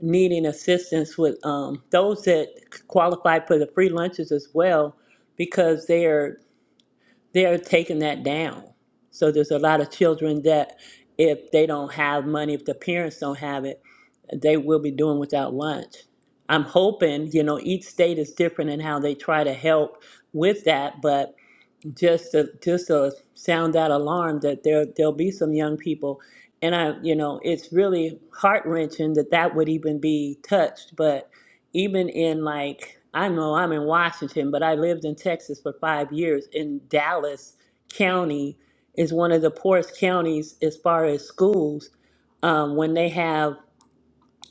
needing assistance with um, those that qualify for the free lunches as well, because they are they're taking that down. So there's a lot of children that, if they don't have money, if the parents don't have it, they will be doing without lunch. I'm hoping, you know, each state is different in how they try to help with that, but just to just to sound that alarm that there there'll be some young people and i you know it's really heart-wrenching that that would even be touched but even in like i know i'm in washington but i lived in texas for five years in dallas county is one of the poorest counties as far as schools um, when they have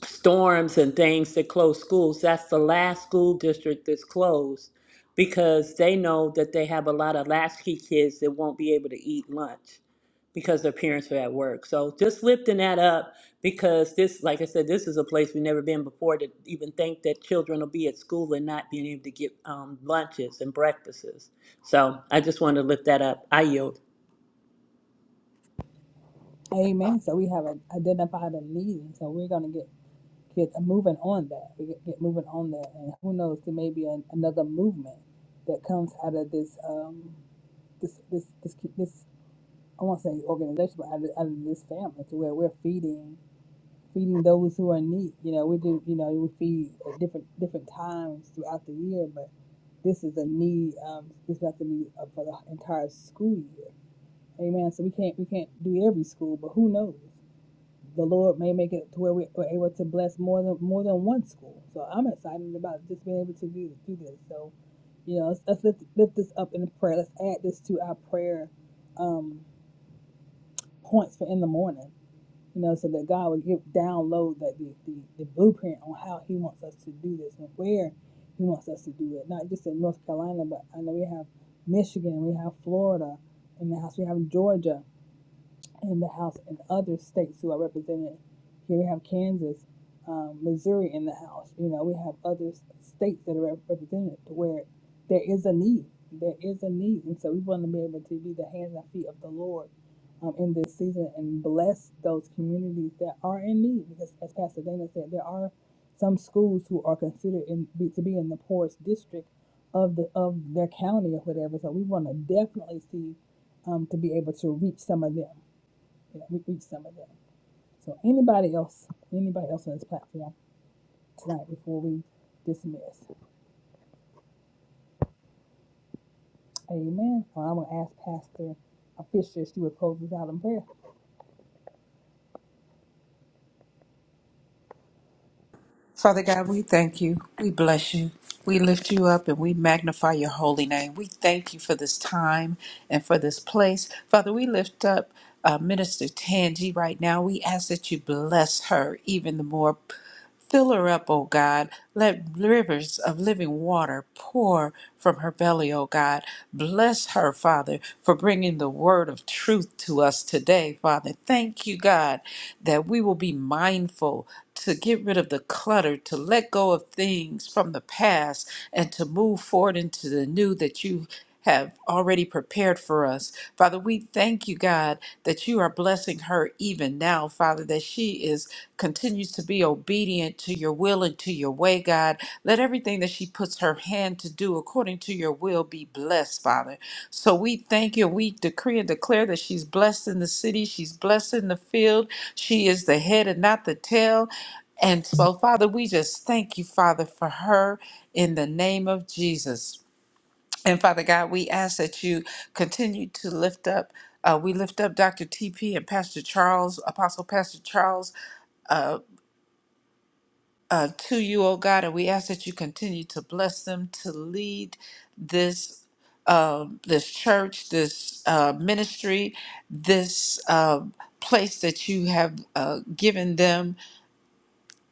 storms and things that close schools, that's the last school district that's closed because they know that they have a lot of latchkey kids that won't be able to eat lunch because their parents are at work. So just lifting that up because this, like I said, this is a place we've never been before to even think that children will be at school and not being able to get um, lunches and breakfasts. So I just wanted to lift that up. I yield. Amen. So we have a, identified a need, and so we're gonna get get moving on that. We get, get moving on that, and who knows, there may be an, another movement that comes out of this um, this this this this I won't say organization, but out of, out of this family, to where we're feeding feeding those who are in need. You know, we do. You know, we feed at different different times throughout the year, but this is a need. Um, this has to be uh, for the entire school year. Amen. So we can't we can't do every school, but who knows? The Lord may make it to where we- we're able to bless more than more than one school. So I'm excited about just being able to do do this. So you know, let's, let's lift, lift this up in prayer. Let's add this to our prayer um, points for in the morning you know, so that God would give download that the, the, the blueprint on how He wants us to do this and where He wants us to do it. Not just in North Carolina, but I know we have Michigan, we have Florida in the house, we have Georgia in the House and other states who are represented. Here we have Kansas, um, Missouri in the House. You know, we have other states that are represented where there is a need. There is a need. And so we want to be able to be the hands and feet of the Lord um, in this season and bless those communities that are in need. Because as Pastor Dana said, there are some schools who are considered in, be, to be in the poorest district of the of their county or whatever. So we want to definitely see um, to be able to reach some of them that we reach some of them. So anybody else, anybody else on this platform tonight before we dismiss. Amen. Well, I'm gonna ask Pastor Fisher if she would close us out in prayer. Father God, we thank you. We bless you. We lift you up and we magnify your holy name. We thank you for this time and for this place. Father, we lift up uh, Minister Tangi right now. We ask that you bless her even the more. Fill her up, O God. Let rivers of living water pour from her belly, O God. Bless her, Father, for bringing the word of truth to us today, Father. Thank you, God, that we will be mindful to get rid of the clutter, to let go of things from the past, and to move forward into the new that you have already prepared for us. Father, we thank you, God, that you are blessing her even now, Father, that she is continues to be obedient to your will and to your way, God. Let everything that she puts her hand to do according to your will be blessed, Father. So we thank you. We decree and declare that she's blessed in the city, she's blessed in the field. She is the head and not the tail. And so, Father, we just thank you, Father, for her in the name of Jesus. And Father God, we ask that you continue to lift up. Uh, we lift up Dr. TP and Pastor Charles, Apostle Pastor Charles, uh, uh, to you, oh God, and we ask that you continue to bless them to lead this um, this church, this uh, ministry, this um place that you have uh, given them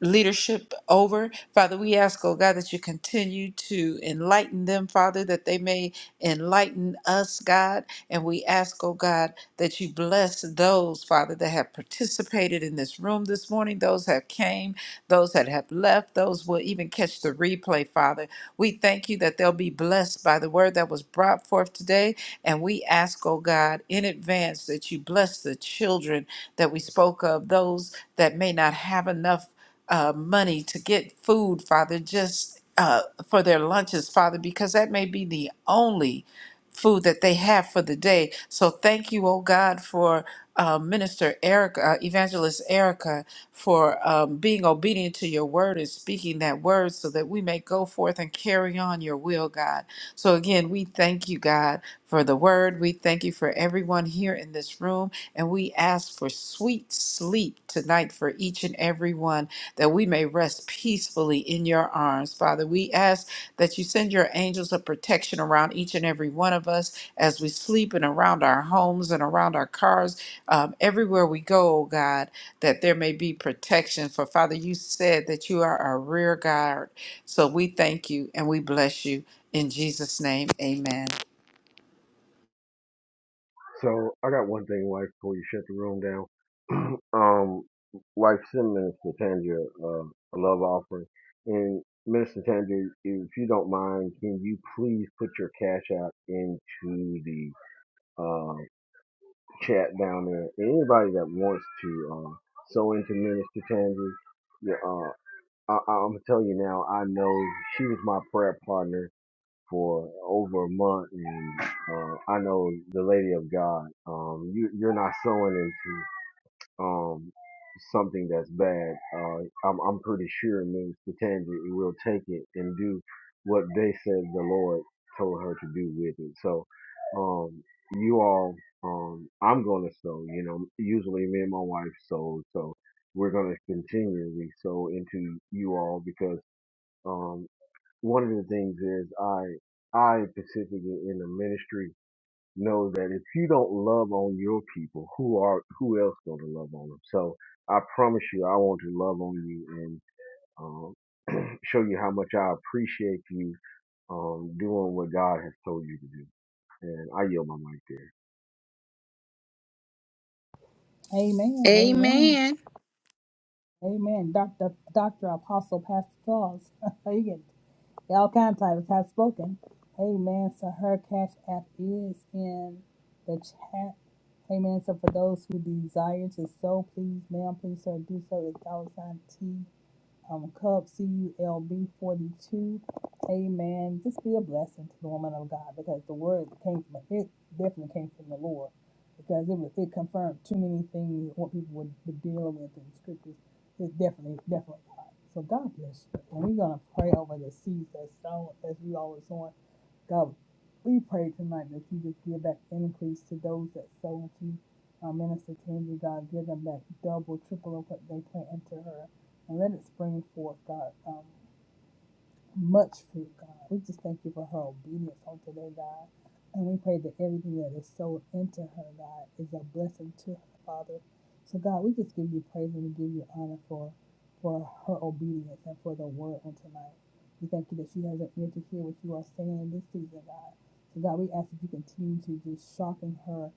leadership over. Father, we ask, oh God, that you continue to enlighten them, Father, that they may enlighten us, God. And we ask, oh God, that you bless those, Father, that have participated in this room this morning, those that came, those that have left, those will even catch the replay, Father. We thank you that they'll be blessed by the word that was brought forth today. And we ask, oh God, in advance that you bless the children that we spoke of, those that may not have enough uh, money to get food, Father, just uh, for their lunches, Father, because that may be the only food that they have for the day. So thank you, oh God, for uh, Minister Erica, uh, Evangelist Erica, for um, being obedient to your word and speaking that word so that we may go forth and carry on your will, God. So again, we thank you, God, for the word. We thank you for everyone here in this room. And we ask for sweet sleep tonight for each and every one that we may rest peacefully in your arms. Father, we ask that you send your angels of protection around each and every one of us as we sleep and around our homes and around our cars, um, everywhere we go, oh God, that there may be protection. For Father, you said that you are our rear guard. So we thank you and we bless you. In Jesus' name, amen. So I got one thing, wife, before you shut the room down. um, wife, send Minister Tangier uh, a love offering. And Minister Tangier, if you don't mind, can you please put your cash out into the uh, chat down there? And anybody that wants to uh, sow into Minister Tangier, yeah, uh, I, I'm gonna tell you now. I know she was my prayer partner for over a month, and uh, I know the Lady of God. Um, you, you're not sowing into um, something that's bad, uh, I'm, I'm pretty sure Minister Tangi will take it and do what they said the Lord told her to do with it. So, um, you all, um, I'm going to sow, you know, usually me and my wife sow, so we're going to continually sow into you all because, um, one of the things is I, I specifically in the ministry know that if you don't love on your people, who are who else going to love on them? So I promise you, I want to love on you and um, show you how much I appreciate you um, doing what God has told you to do. And I yield my mic there. Amen. Amen. Amen. Amen. Doctor Doctor Apostle Pastor Charles. you get all kinds of titles have spoken. Amen. So her cash app is in the chat. Amen. So for those who desire to sow, please, ma'am, please, sir, do so. It's dollar sign T um, Cub CULB 42. Amen. Just be a blessing to the woman of God because the word came from it, definitely came from the Lord because it was, it confirmed too many things what people would, would deal with in scriptures. It's definitely, definitely God. So God bless you. And we're going to pray over the seeds that's sown as we always on. God, we pray tonight that you just give back increase to those that sold to you. Our minister Tandy, God, give them back double, triple of what they put into her and let it spring forth, God, um, much fruit, God. We just thank you for her obedience on today, God. And we pray that everything that is sown into her, God, is a blessing to her, Father. So, God, we just give you praise and we give you honor for for her obedience and for the word on tonight. We thank you that she has an ear to hear what you are saying in this season, God. So, God, we ask that you continue to just sharpen her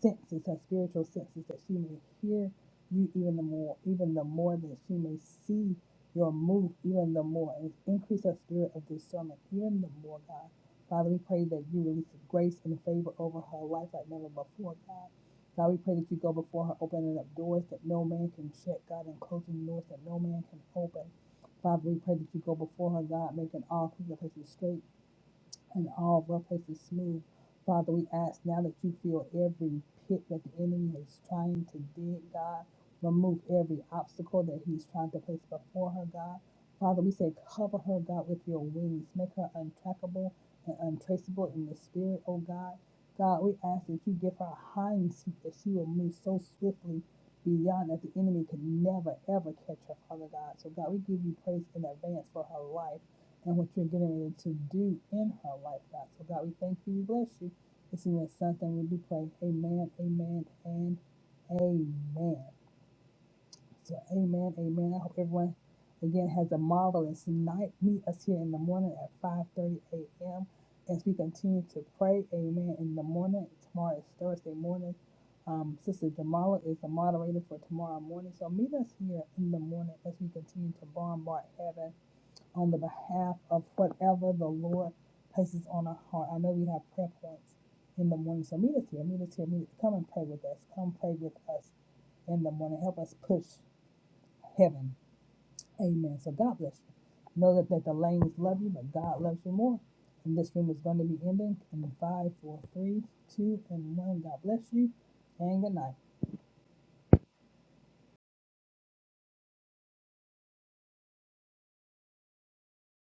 senses, her spiritual senses, that she may hear you even the more, even the more that she may see your move even the more and increase that spirit of discernment even the more, God. Father, we pray that you release grace and favor over her life like never before, God. God, we pray that you go before her, opening up doors that no man can shut, God, and closing doors that no man can open. Father, we pray that you go before her, God, making all clear places straight and all rough places smooth. Father, we ask now that you fill every pit that the enemy is trying to dig, God. Remove every obstacle that he's trying to place before her, God. Father, we say, cover her, God, with your wings. Make her untrackable and untraceable in the spirit, oh God. God, we ask that you give her a hind seat that she will move so swiftly beyond that the enemy could never, ever catch her, Father God. So, God, we give you praise in advance for her life and what you're getting ready to do in her life, God. So, God, we thank you. We bless you. It's in your son's name we do pray. Amen, amen, and amen. So, amen, amen. I hope everyone, again, has a marvelous night. Meet us here in the morning at 5.30 a.m. as we continue to pray. Amen, in the morning. Tomorrow is Thursday morning. Um, Sister Jamala is the moderator for tomorrow morning. So, meet us here in the morning as we continue to bombard heaven on the behalf of whatever the Lord places on our heart. I know we have prayer points in the morning, so meet us here, meet us here, meet us. Come and pray with us. Come pray with us in the morning. Help us push heaven. Amen. So God bless you. Know that, that the lanes love you, but God loves you more. And this room is going to be ending in five, four, three, two, and one. God bless you, and good night.